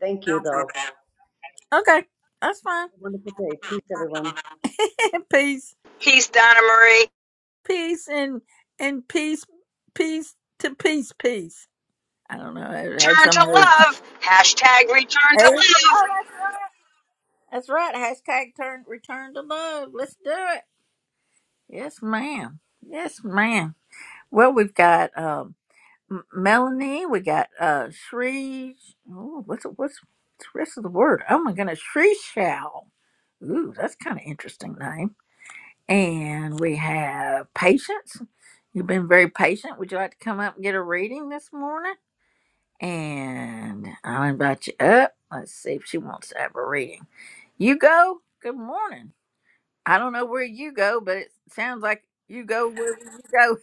S11: Thank you, though.
S1: Okay, that's fine.
S11: Have a wonderful day. Peace, everyone.
S1: peace,
S10: peace donna marie
S1: peace, and and peace, peace to peace, peace. I don't know. I had
S10: turn to
S1: some. other-
S10: love hashtag return
S1: Hey,
S10: to love
S1: oh, that's right. That's right. Hashtag turn return to love. Let's do it. Yes, ma'am. Yes, ma'am. Well, we've got. um. M- Melanie, we got uh Shri. Oh, what's what's what's the rest of the word? Oh my goodness, Shri Shao. Ooh, that's kind of interesting name. And we have patience. You've been very patient. Would you like to come up and get a reading this morning? And I'll invite you up. Let's see if she wants to have a reading. You go. Good morning. I don't know where you go, but it sounds like you go wherever you go.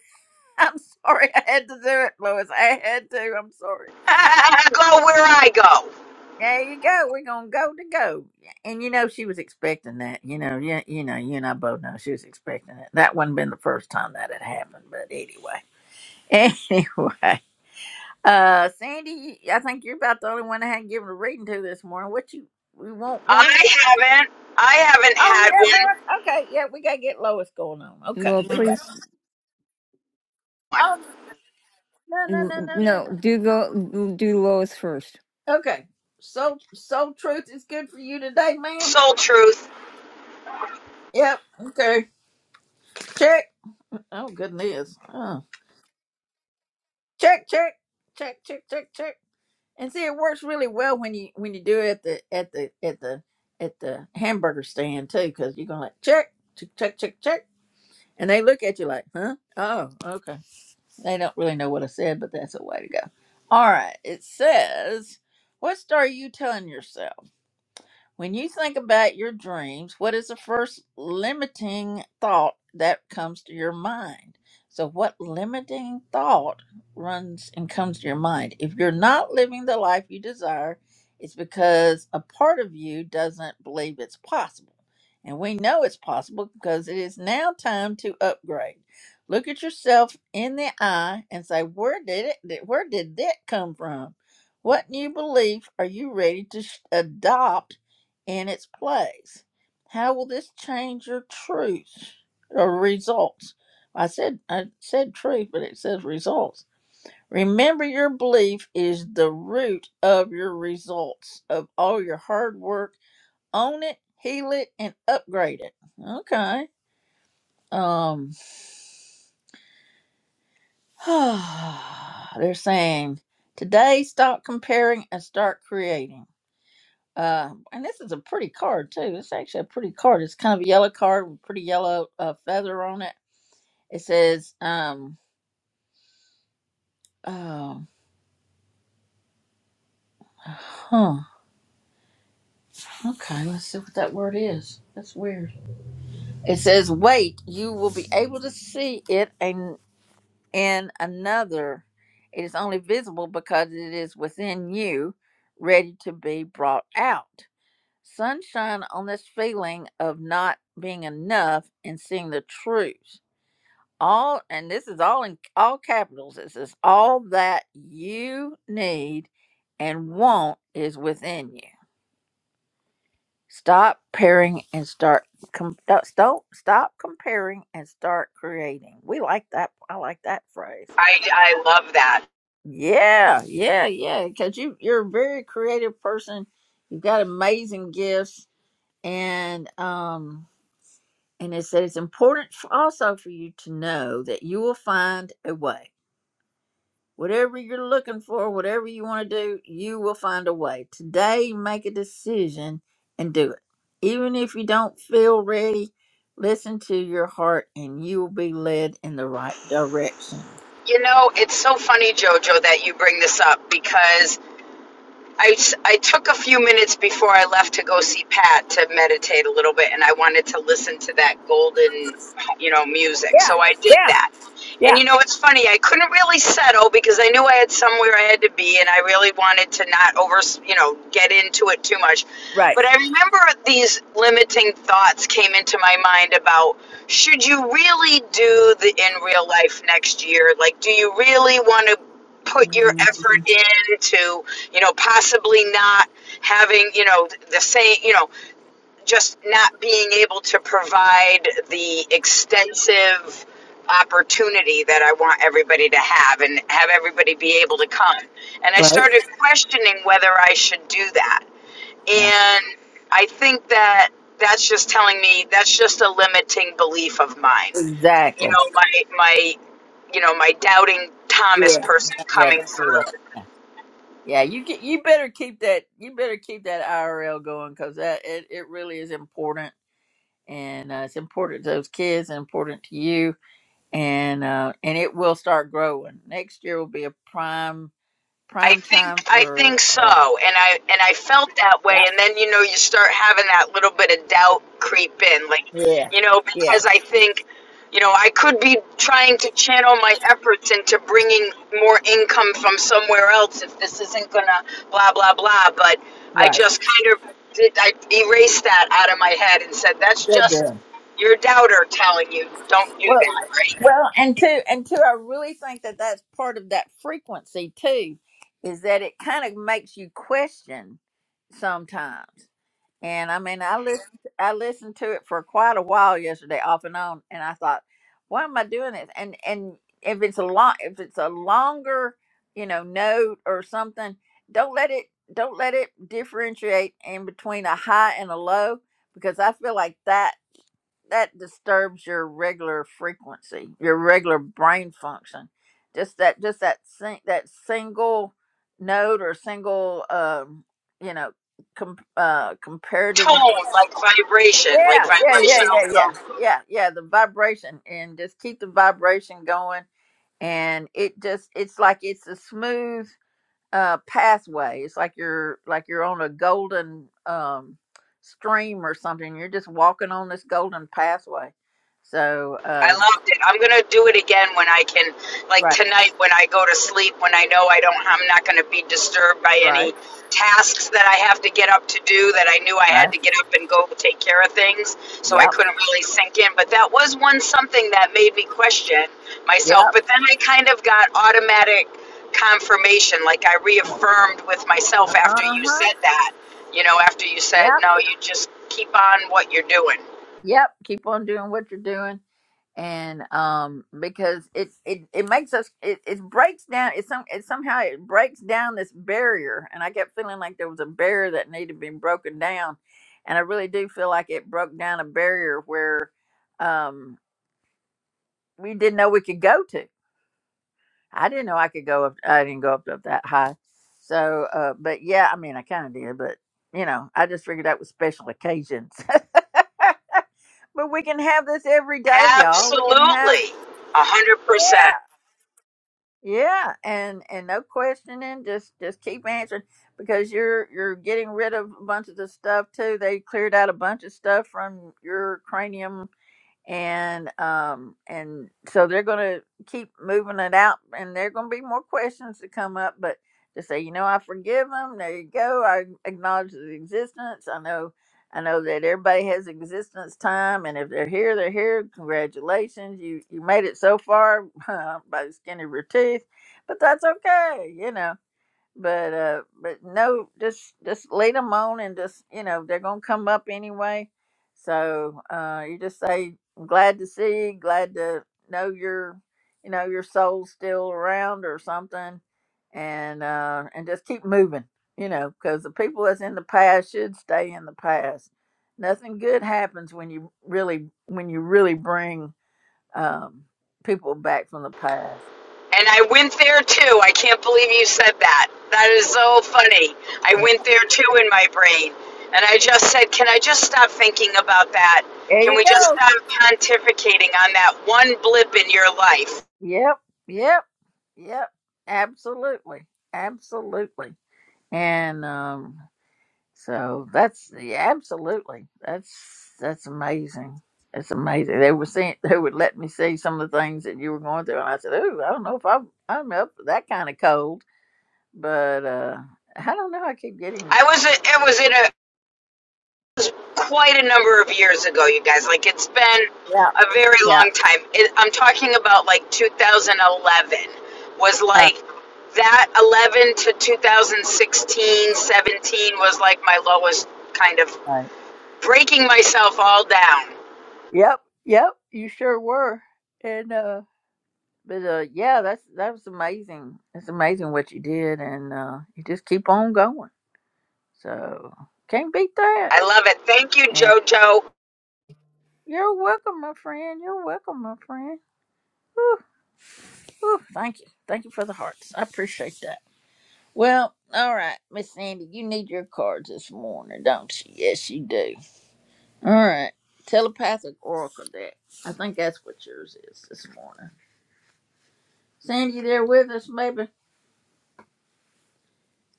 S1: I'm sorry, I had to do it, Lois. I had to. I'm sorry.
S10: go where i go
S1: There you go. We're gonna go to go. And you know she was expecting that. You know, yeah, you know, you and I both know she was expecting it. That wouldn't been the first time that had happened, but anyway. Anyway. Uh Sandy, I think you're about the only one I hadn't given a reading to this morning. What you we want
S10: i
S1: one?
S10: haven't i haven't
S1: Oh
S10: had
S1: yeah, Lois. Okay, yeah, we gotta get Lois going on. Okay.
S5: well,
S1: We got
S5: please,
S10: one
S1: Oh no no no no no
S5: no, do go, do Lois first.
S1: no. Okay. So so truth is good for you today, ma'am.
S10: soul truth
S1: Yep. Okay. Check. Oh goodness. Huh. check check check check check check and see it works really well when you when you do it at the at the at the at the hamburger stand too because you're gonna like check check check check check and they look at you like huh oh okay they don't really know what i said but that's a way to go all right it says what story are you telling yourself when you think about your dreams, what is the first limiting thought that comes to your mind? So, what limiting thought runs and comes to your mind? If you're not living the life you desire, it's because a part of you doesn't believe it's possible. And we know it's possible because it is now time to upgrade. Look at yourself in the eye and say, Where did it? Where did that come from? What new belief are you ready to sh- adopt? in its place. How will this change your truth or results? I said I said truth, but it says results. Remember your belief is the root of your results of all your hard work. Own it, heal it, and upgrade it. Okay. Um they're saying today stop comparing and start creating. Uh, and this is a pretty card too. It's actually a pretty card. It's kind of a yellow card with pretty yellow uh, feather on it. It says, um, um, huh. Okay, let's see what that word is. That's weird. It says, wait, you will be able to see it in, in another. It is only visible because it is within you, ready to be brought out. Sunshine on this feeling of not being enough and seeing the truth all and this is all in all capitals it says all that you need and want is within you stop pairing and start com- stop stop stop comparing and start creating we like that i like that phrase
S10: I, I love that.
S1: yeah yeah yeah because you you're a very creative person you've got amazing gifts and um and it said it's important f- also for you to know that you will find a way Whatever you're looking for, whatever you want to do, you will find a way. Today, make a decision and do it. Even if you don't feel ready, listen to your heart and you will be led in the right direction.
S10: You know, it's so funny, Jojo, that you bring this up because I I took a few minutes before I left to go see Pat to meditate a little bit, and I wanted to listen to that golden, you know, music.
S1: Yeah,
S10: So I did
S1: yeah,
S10: that. And
S1: yeah.
S10: you know, it's funny, I couldn't really settle because I knew I had somewhere I had to be, and I really wanted to not over, you know, get into it too much.
S1: Right.
S10: But I remember these limiting thoughts came into my mind about should you really do the in real life next year? Like, do you really want to put your effort
S1: Mhm.
S10: into? you know, possibly not having, you know, the same, you know, just not being able to provide the extensive opportunity that I want everybody to have and have everybody be able to come. And I
S1: Right?
S10: started questioning whether I should do that.
S1: Yeah.
S10: And I think that that's just telling me that's just a limiting belief of mine. You
S1: Exactly.
S10: know, my my you know, my doubting Thomas
S1: Yeah.
S10: person
S1: Yeah,
S10: coming
S1: don't do
S10: through.
S1: that. Yeah. Yeah, you get, you better keep that you better keep that IRL going cuz that it, it really is important and uh, it's important to those kids and important to you and uh, and it will start growing. Next year will be a prime
S10: I
S1: prime
S10: think
S1: time
S10: I
S1: for.
S10: think so,
S1: Uh,
S10: and I and I felt that
S1: yep.
S10: way, and then you know you start having that little bit of doubt creep in, like
S1: Yeah.
S10: you know
S1: Yeah.
S10: because I think you know I could be trying to channel my efforts into bringing more income from somewhere else if this isn't gonna blah blah blah, but I
S1: Right.
S10: just kind of did I erased that out of my head and said that's
S1: Good
S10: just
S1: deal.
S10: your doubter telling you don't do
S1: Well,
S10: that, right?
S1: well, and two, and two, I really think that that's part of that frequency too, is that it kind of makes you question sometimes. And I mean, I listened, I listened to it for quite a while yesterday, off and on, and I thought, why am I doing this? And and if it's a long, if it's a longer, you know, note or something, don't let it, don't let it differentiate in between a high and a low, because I feel like that that disturbs your regular frequency, your regular brain function. Just that, just that, sing, that single note or single, um, you know, com, uh, comparative. note.
S10: Tone like vibration, like
S1: Yeah, yeah, yeah,
S10: vibrational
S1: yeah,
S10: tone.
S1: yeah, yeah, yeah. The vibration and just keep the vibration going, and it just, it's like it's a smooth uh pathway. It's like you're like you're on a golden um stream or something. You're just walking on this golden pathway. So
S10: I
S1: uh
S10: loved it. I'm gonna do it again when I can, like
S1: right,
S10: tonight when I go to sleep, when I know I don't, I'm not gonna be disturbed by any
S1: right,
S10: tasks that I have to get up to do that I knew I had
S1: right.
S10: to get up and go take care of things, so I
S1: Yep.
S10: couldn't really sink in. But that was one something that made me question
S1: Yep.
S10: myself. But then I kind of got automatic confirmation, like I reaffirmed with myself after you
S1: Uh-huh.
S10: said that. You know, after you said,
S1: Yep.
S10: no, you just keep on what you're doing
S1: Yep. Keep on doing what you're doing and um because it it it makes us it, it breaks down it some it somehow it breaks down this barrier and i kept feeling like there was a barrier that needed to be broken down and i really do feel like it broke down a barrier where um we didn't know we could go to i didn't know i could go up i didn't go up, up that high so uh but yeah i mean i kind of did but you know i just figured that was special occasions but we can have this every day y'all we can have
S10: Absolutely. A hundred percent.
S1: Yeah, and and no questioning, just just keep answering because you're you're getting rid of a bunch of the stuff too. They cleared out a bunch of stuff from your cranium and um and so they're going to keep moving it out and there are going to be more questions to come up but to say you know i forgive them there you go i acknowledge the existence i know i know that everybody has existence time and if they're here they're here congratulations you you made it so far by the skin of your teeth but that's okay you know but uh but no just just lead them on and just you know they're gonna come up anyway so uh you just say "I'm glad to see you glad to know your you know your soul's still around or something and uh and just keep moving you know because the people that's in the past should stay in the past nothing good happens when you really when you really bring um people back from the past
S10: And I went there too. I can't believe you said that. That is so funny. I
S1: there
S10: went there too in my brain. And I just said, can I just stop thinking about that? Can
S1: you
S10: we just
S1: go
S10: stop pontificating on that one blip in your life?
S1: yep yep Yep, absolutely, absolutely, and um, so that's yeah, absolutely that's that's amazing. That's amazing. They were seeing they would let me see some of the things that you were going through, and I said, "Oh, I don't know if I'm I'm up for that kind of cold," but uh, I don't know. I keep getting
S10: I was it was in a was quite a number of years ago, you guys. Like it's been
S1: yeah,
S10: a very
S1: yeah,
S10: long time. It, I'm talking about like 2011 was
S1: uh,
S10: like that 11 to 2016, 17 was like my lowest kind of
S1: right.
S10: breaking myself all down.
S1: yep, yep. You sure were, and uh, but uh, yeah, that's that was amazing. It's amazing what you did, and uh, you just keep on going So can't beat that.
S10: I love it. Thank you,
S1: And
S10: JoJo.
S1: you're welcome, my friend. You're welcome, my friend. Whew, whew. Thank you. Thank you for the hearts. I appreciate that. Well, all right, Miss Sandy, you need your cards this morning, don't you? Yes, you do. All right. Telepathic Oracle deck. I think that's what yours is this morning. Sandy, you there with us, maybe?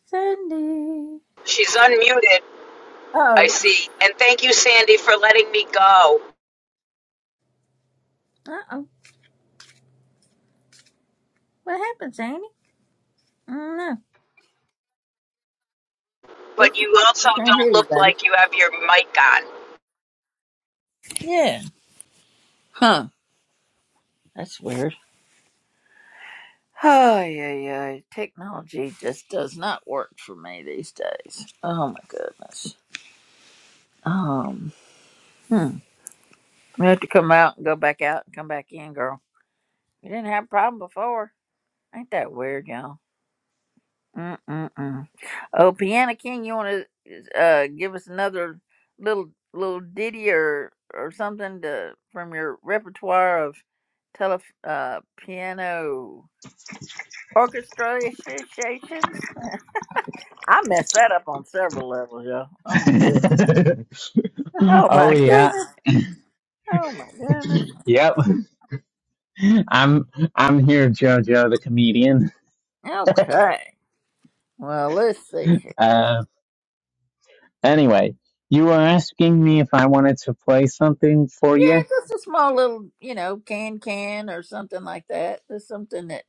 S1: Sandy.
S10: She's unmuted. I
S1: Oh,
S10: see. And thank you, Sandy, for letting me go.
S1: uh oh. What happened, Sandy? I don't know. We
S10: But you also
S1: we can't hear
S10: don't
S1: you,
S10: look
S1: baby.
S10: like you have your mic on.
S1: Yeah. Huh. That's weird. Ay, ay, ay. Technology just does not work for me these days. Oh my goodness. Um, hmm. We have to come out and go back out and come back in, girl. We didn't have a problem before. Ain't that weird, y'all? Mm-mm-mm. Oh, Piano King, you want to uh give us another little little ditty or or something to from your repertoire of tele uh piano orchestrations? I messed that up on several levels, y'all. Oh my goodness. Oh
S6: oh
S1: my
S6: yeah.
S1: goodness. Oh my goodness.
S6: Yep. I'm I'm here, Jojo the comedian.
S1: Okay. Well, let's see here.
S6: Uh, anyway, you were asking me if I wanted to play something for
S1: Yeah,
S6: you.
S1: just a small little, you know, can can or something like that. Just something that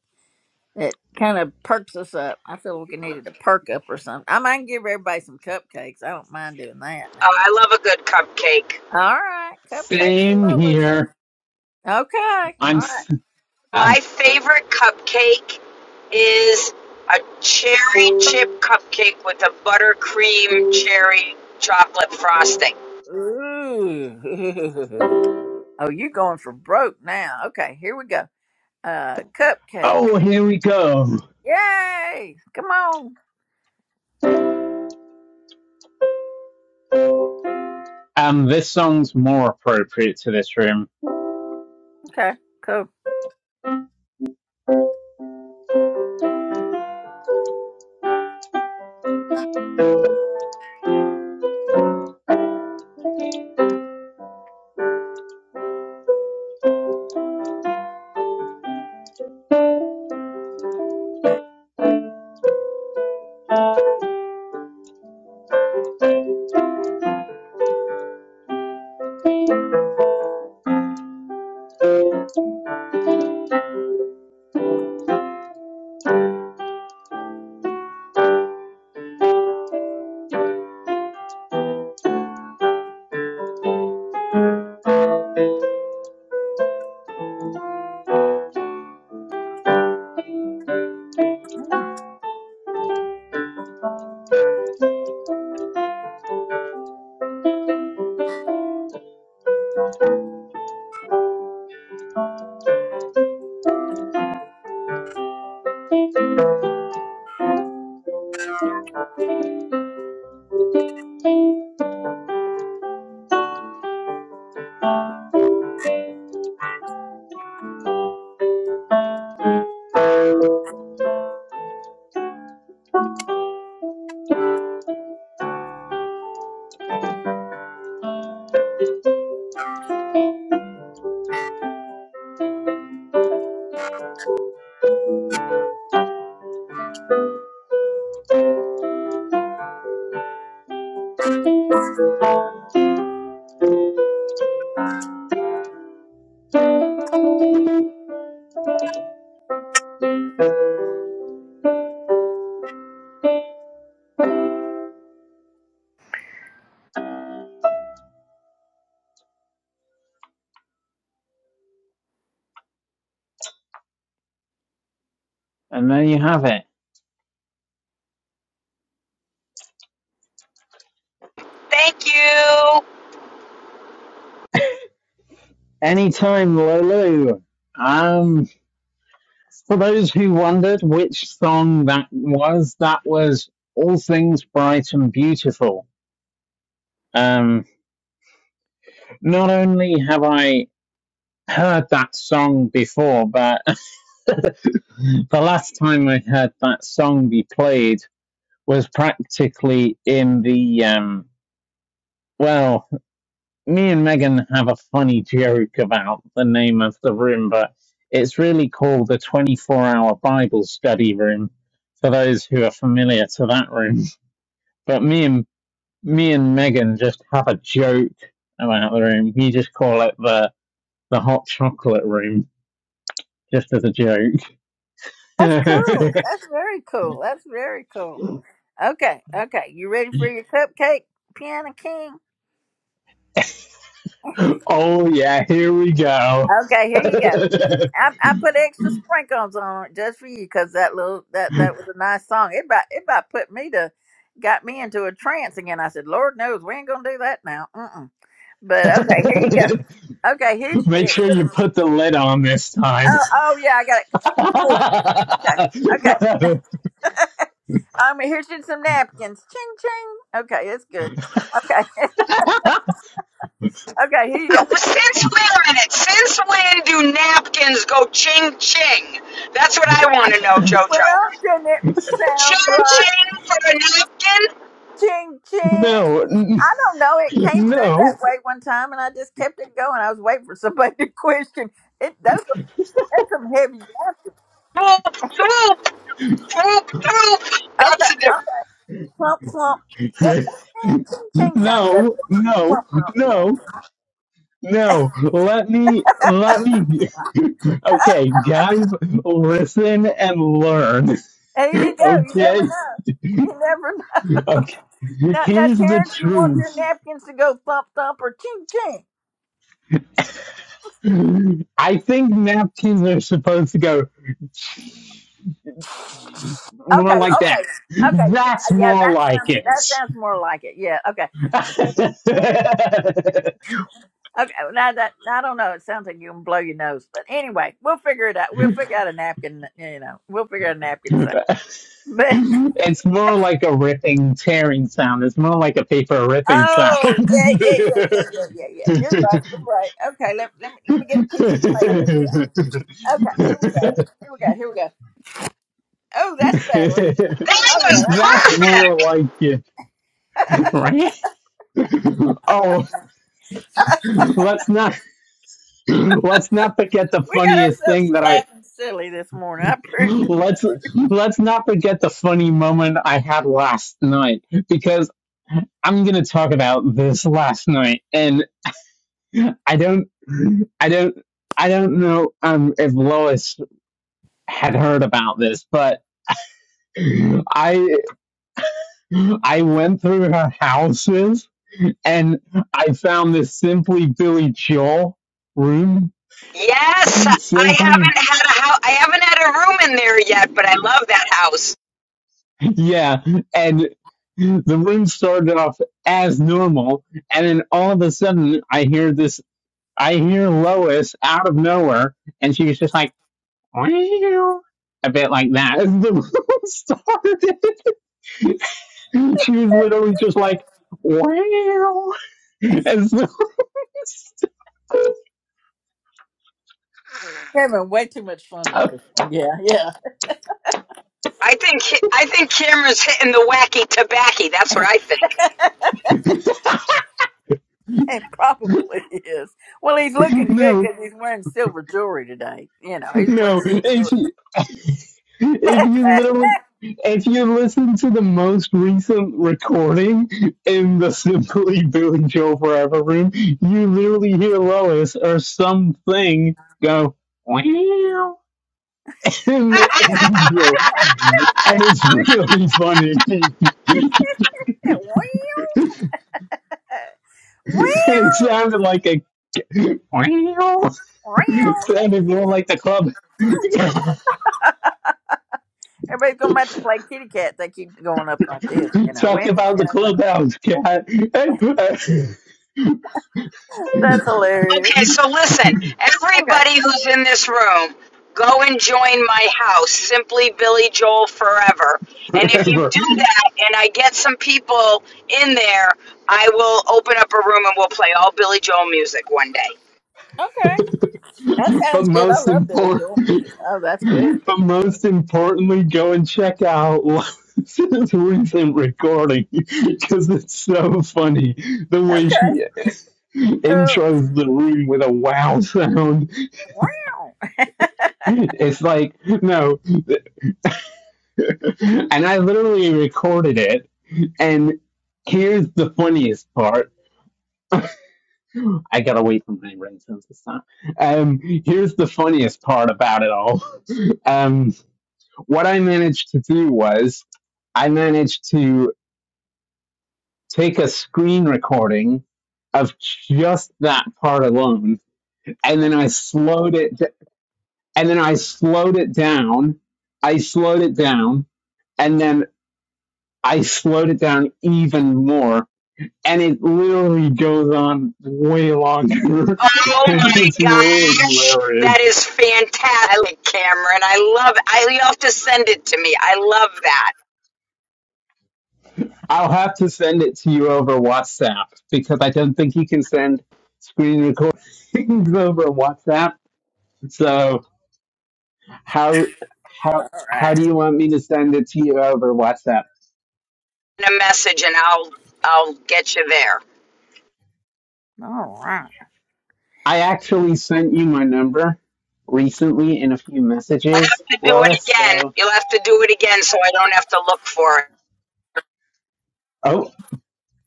S1: that kind of perks us up. I feel like we needed a perk up or something. I might give everybody some cupcakes. I don't mind doing that
S10: Oh,
S1: now.
S10: I love a good cupcake.
S1: All right, cupcakes
S6: Same
S1: for Lois.
S6: here.
S1: Okay.
S6: I'm.
S1: All right.
S6: s- Uh,
S10: My favorite cupcake is a cherry chip cupcake with a buttercream cherry chocolate frosting.
S1: Ooh. oh, you going for broke now? Okay. Here we go. uh cupcake.
S6: oh, here we go.
S1: Yay! Come on.
S6: Um, this song's more appropriate to this room,
S1: Okay, cool.
S6: and there you have it.
S10: Thank you.
S6: Anytime, Lulu. Um, for those who wondered which song that was, that was All Things Bright and Beautiful. Um, not only have I heard that song before, but the last time I heard that song be played was practically in the, um, well, me and Megan have a funny joke about the name of the room, but it's really called the 24 hour Bible study room for those who are familiar to that room. But me and me and Megan just have a joke about the room. We just call it the the hot chocolate room, just as a joke.
S1: That's cool. That's very cool. That's very cool. Okay, okay. You ready for your cupcake, Piano King?
S6: oh yeah, here we go.
S1: Okay, here you go. I, I put extra sprinkles on it just for you because that little that that was a nice song. It about it about put me to got me into a trance again. I said, Lord knows we ain't gonna do that now. Mm-mm. But okay, here you go. Okay, here's
S6: Make
S1: here,
S6: sure
S1: put
S6: you
S1: it.
S6: put the lid on this time.
S1: Oh, oh yeah, I got it. Cool.
S6: no,
S1: Okay, okay. I'm here's some napkins. Ching ching. Okay, that's good. Okay. okay, here you
S10: Uh,
S1: go.
S10: well, since wait a minute, since when do napkins go ching ching? That's what I want to know,
S1: Well,
S10: Jojo.
S1: didn't it
S10: Ching
S1: sound right?
S10: ching for a napkin?
S1: Ching ching.
S6: n-
S1: I don't know. It came through that
S6: no, no,
S1: way one time and I just kept it going. I was waiting for somebody to question. It those are that's some heavy napkins.
S10: Whoop whoop whoop whoop.
S1: Okay,
S10: That's a different.
S1: okay. Plump plump. That, man, ching ching sounds better.
S6: no,
S1: Plump plump. Yeah.
S6: no, no. Let me, let me. Okay, guys, listen and learn.
S1: There you go. You
S6: Okay,
S1: never know. You never
S6: okay.
S1: Now, now,
S6: Here's the
S1: Terrence, you want your
S6: truth.
S1: napkins to go thump thump or ching ching?
S6: I think napkins are supposed to go more
S1: Okay,
S6: like that.
S1: okay, okay. Let me.
S6: That's
S1: Yeah,
S6: more
S1: that
S6: like
S1: sounds that
S6: it.
S1: sounds more like it. Yeah, okay, okay. well, Now that I don't know, it sounds like you can blow your nose, but anyway, we'll figure it out. We'll figure out a napkin. You know, we'll figure out a napkin sound. But
S6: it's more like a ripping, tearing sound. It's more like a paper ripping sound.
S1: oh yeah, yeah, yeah, yeah, yeah, yeah, yeah. You're right. You're right. Okay, let let me let me get a piece of paper here. Okay, here we go. Here we go. Here we go. Oh, that's better.
S10: That
S1: Oh yeah,
S10: was
S1: that's better.
S6: That's
S10: perfect.
S6: more like it, right? Oh, let's not let's not forget the
S1: We got
S6: funniest
S1: ourselves
S6: thing that I
S1: laughing silly this morning. I appreciate
S6: let's let's not forget the funny moment I had last night because I'm gonna talk about this last night and. I don't, I don't, I don't know um, if Lois had heard about this, but I, I went through her houses and I found this Simply Billy Joel room.
S10: Yes, I
S6: Simply,
S10: haven't had a house. I haven't had a room in there yet, but I love that house.
S6: yeah, and the room started off as normal, and then all of a sudden I hear this. I hear Lois out of nowhere, and she's just like. a bit like that as the room started. She was literally just like, wow, as the room
S1: having way too much fun with
S6: started.
S1: this one. Yeah, yeah.
S10: I think I think Cameron's hitting the wacky tobacco. That's what I think.
S1: It probably is. Well, he's looking good
S6: No,
S1: because he's wearing silver jewelry today. You know, he's wearing
S6: no.
S1: silver
S6: If
S1: jewelry.
S6: you, if you literally, if you listen to the most recent recording in the Simply Billy Joe Forever room, you literally hear Lois or something go, wow. in the intro, and it's really funny. and
S1: well, uh, well,
S6: it sounded like a it
S1: well.
S6: sounded more like the club.
S1: Everybody's going to have to play kitty cat. They keep going up like this. You know, we
S6: Talk
S1: ain't
S6: about the
S1: playing that.
S6: clubhouse cat
S1: that's hilarious.
S10: Okay, so listen,
S1: Okay.
S10: everybody who's in this room, go and join my house, simply Billy Joel forever. And if you
S6: forever.
S10: do that, and I get some people in there, I will open up a room and we'll play all Billy Joel music one day.
S1: Okay. That
S6: But
S1: sounds good. I
S6: most
S1: love Billy Joel
S6: important,
S1: music. Oh, that's good.
S6: but most importantly, go and check out. This recent recording because it's so funny the way
S1: Okay.
S6: she
S1: Cool.
S6: intros the room with a wow sound
S1: Wow.
S6: It's like, no. And I literally recorded it. And here's the funniest part. I got away from my rainstorms this time. Um, here's the funniest part about it all. Um, what I managed to do was I managed to take a screen recording of just that part alone, and then I slowed it, and then I slowed it down. I slowed it down, and then. I slowed it down even more. And it literally goes on way longer.
S10: Oh
S6: and
S10: my
S6: it's really
S10: gosh, that
S6: hilarious.
S10: is fantastic, Cameron. I love. it. I you have to send it to me. I love that
S6: I'll have to send it to you over WhatsApp because I don't think you can send screen recordings over WhatsApp. So how how
S1: All
S6: how
S1: right.
S6: do you want me to send it to you over WhatsApp?
S10: in a message, and I'll I'll get you there.
S1: All right.
S6: I actually sent you my number recently in a few
S10: I'll
S6: messages,
S10: have to do it
S6: Lois.
S10: again.
S6: So
S10: You'll have to do it again, so I don't have to look for it.
S6: oh.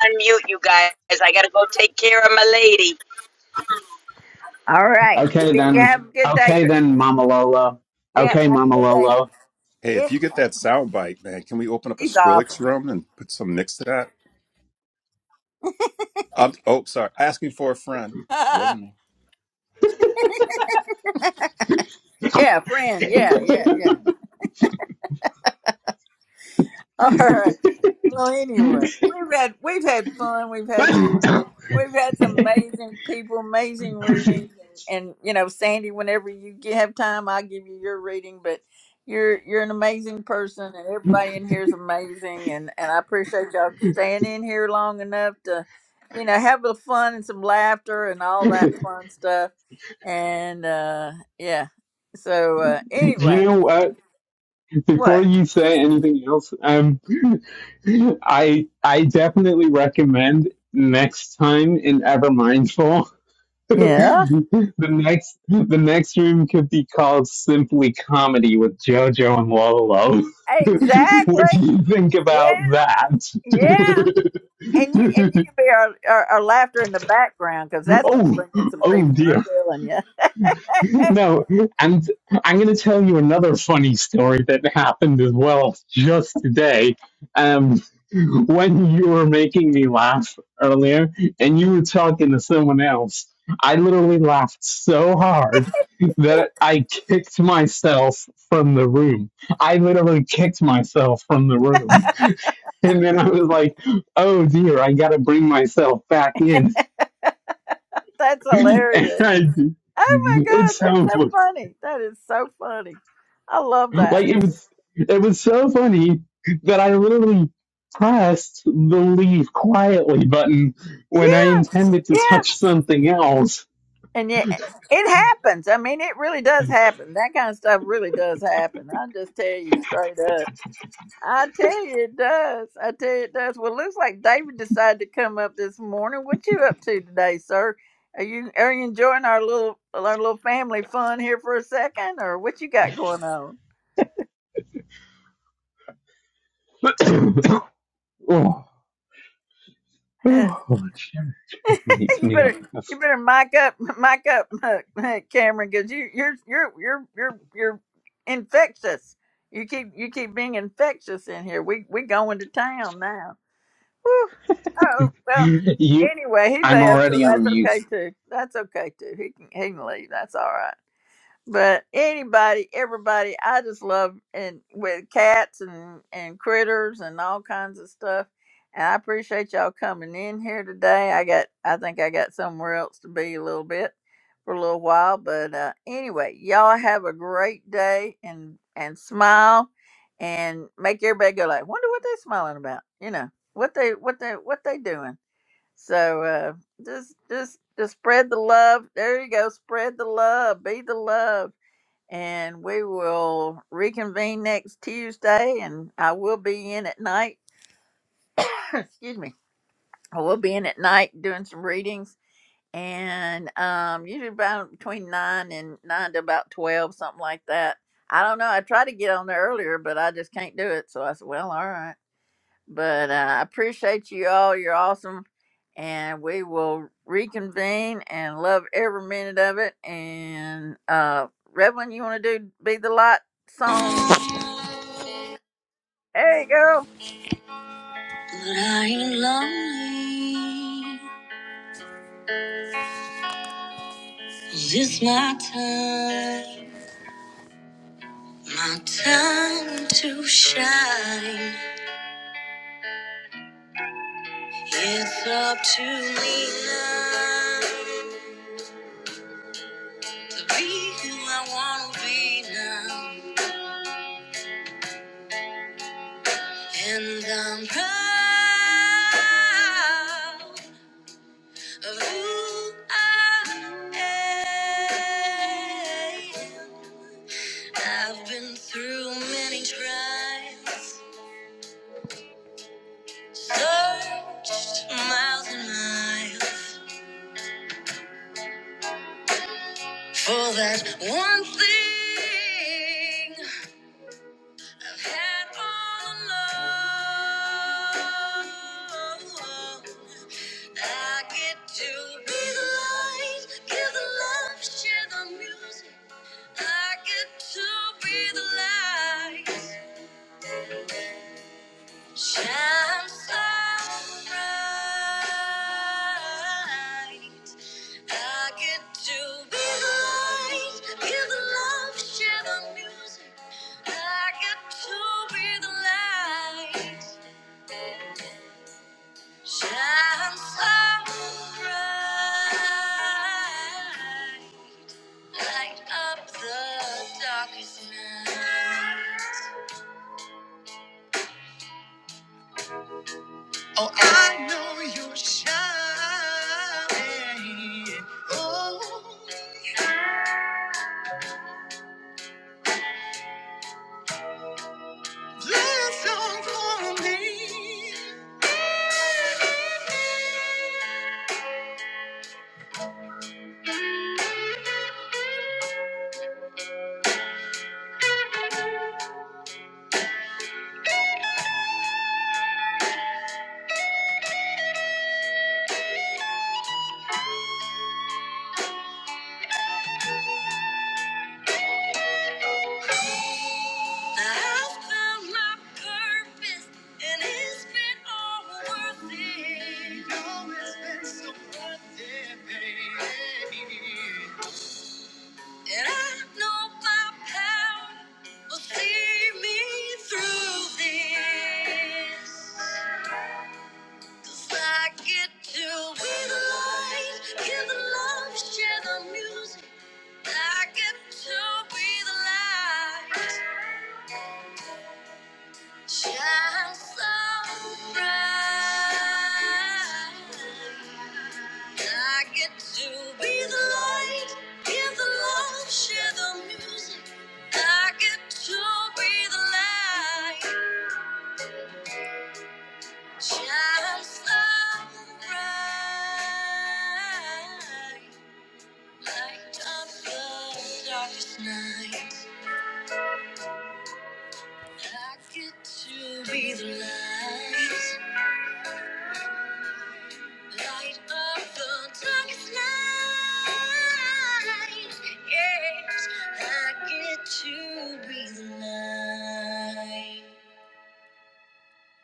S10: Unmute you guys. I gotta go take care of my lady.
S1: All right.
S6: Okay
S1: You
S6: then.
S1: have a good day.
S6: Okay
S1: gr-
S6: then, Mama Lola.
S1: Yep.
S6: Okay,
S1: Have
S6: Mama
S1: a good day.
S6: Lola.
S9: Hey, if
S1: Yeah.
S9: you get that sound bite, man, can we open up a
S1: She's
S9: Skrillex
S1: awesome.
S9: room and put some mix to that? i oh, sorry. Asking for a friend. It wasn't me.
S1: Yeah, friend. Yeah, yeah, yeah. All right. Well, anyway, we've had we've had fun. We've had some.
S6: Do
S1: We've had some amazing people, amazing readings, and and you know, Sandy, whenever you g- have time, I'll give you your reading. But you're you're an amazing person, and everybody in here is amazing, and and I appreciate y'all staying in here long enough to, you know, have the fun and some laughter and all that fun stuff, and uh yeah. So uh
S6: you
S1: anyway,
S6: know what? Before
S1: what?
S6: you say anything else, um, I I definitely recommend next time in Ever Mindful.
S1: Yeah,
S6: the next the next room could be called simply comedy with JoJo and Lolo. what do
S1: exactly.
S6: you think about
S1: Yeah,
S6: that?
S1: yeah. And you and you can be our, our, our laughter in the background because that's going to
S6: oh
S1: bring in some
S6: oh
S1: people.
S6: dear.
S1: I'm telling you,
S6: No, and I'm going to tell you another funny story that happened as well just today. Um, when you were making me laugh earlier and you were talking to someone else, I literally laughed so hard that I kicked myself from the room. I literally kicked myself from the room. And then I was like, oh dear, I got to bring myself back in.
S1: that's
S6: And
S1: hilarious.
S6: I,
S1: Oh my gosh,
S6: it's
S1: that's
S6: so
S1: so
S6: funny.
S1: funny. That is so funny. I love
S6: like
S1: that.
S6: it was it was so funny that I literally pressed the leave quietly button when I
S1: Yeah,
S6: intended to
S1: yeah.
S6: touch something else.
S1: And yeah, it happens. I mean, it really does happen. That kind of stuff really does happen. I'll just tell you straight up. I tell you it does. I tell you it does. Well, it looks like David decided to come up this morning. What you up to today, sir? Are you are you enjoying our little our little family fun here for a second, or what you got going on?
S6: oh, oh,
S1: you
S6: it makes me
S1: better
S6: laugh.
S1: you better mic up, mic up, uh, Cameron, because you you're you're you're you're you're infectious. You keep you keep being infectious in here. We we going to town now. Whew. Oh well.
S6: You,
S1: Anyway, he
S6: I'm
S1: left, so
S6: already on
S1: that's
S6: mute.
S1: okay too. That's okay too. He can he can leave. That's all right. But anybody, everybody, I just love and with cats and and critters and all kinds of stuff. And I appreciate y'all coming in here today. I got, I think I got somewhere else to be a little bit for a little while. But uh, anyway, y'all have a great day and and smile and make everybody go like, wonder what they smiling about. You know what they what they what they doing. So uh, just just just spread the love. There you go. Spread the love. Be the love and we will reconvene next Tuesday. And I will be in at night. Excuse me. I will be in at night doing some readings, and um, usually about between nine and nine to about twelve, something like that. I don't know. I tried to get on there earlier, but I just can't do it. So I said, "Well, all right." But uh, I appreciate you all. You're awesome, and we will reconvene and love every minute of it. And uh, Revlon, you want to do be the light song There you go.
S4: But I ain't lonely. This my time, my time to shine. It's up to me now to be who I want to be now, and I'm proud of who I am. I've been through many trials, searched miles and miles for that one thing I've had all along. I get to be the light, give the love, share the music. I get to be the light. Shine so bright. I get to be the light, give the love, share the music. I get to be the light, shine so bright, light up the darkest night. Oh, I know you're shining. Oh, bless on for me. I've found my purpose, and it's been all worth it. Oh, it's been so worth it, baby. And I know my power will see me through this. 'Cause I get to be the light, give the love, share the music. I get to be the light, shine so bright. I get to be the light, give the love, share the music. I get to be the light, shine so bright. Light up the darkest night. I get to be the light. Light up the darkest night. Yes, I get to be the light.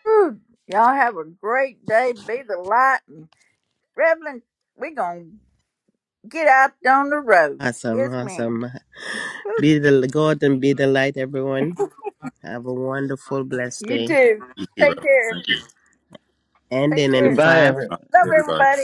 S1: Whew. Y'all have a great day. Be the light. And Reverend, we're going to get out on the road.
S4: Awesome,
S1: Yes, ma'am.
S4: awesome. Be the God and be the light, everyone. Have a wonderful, blessed
S1: You
S4: day.
S1: too.
S9: You too,
S1: Take
S9: Rev.
S1: care.
S9: Thank you.
S1: Take
S4: Ending in
S1: care.
S6: Bye,
S4: five.
S6: everyone.
S1: Love
S9: Hey, everybody.
S1: everybody.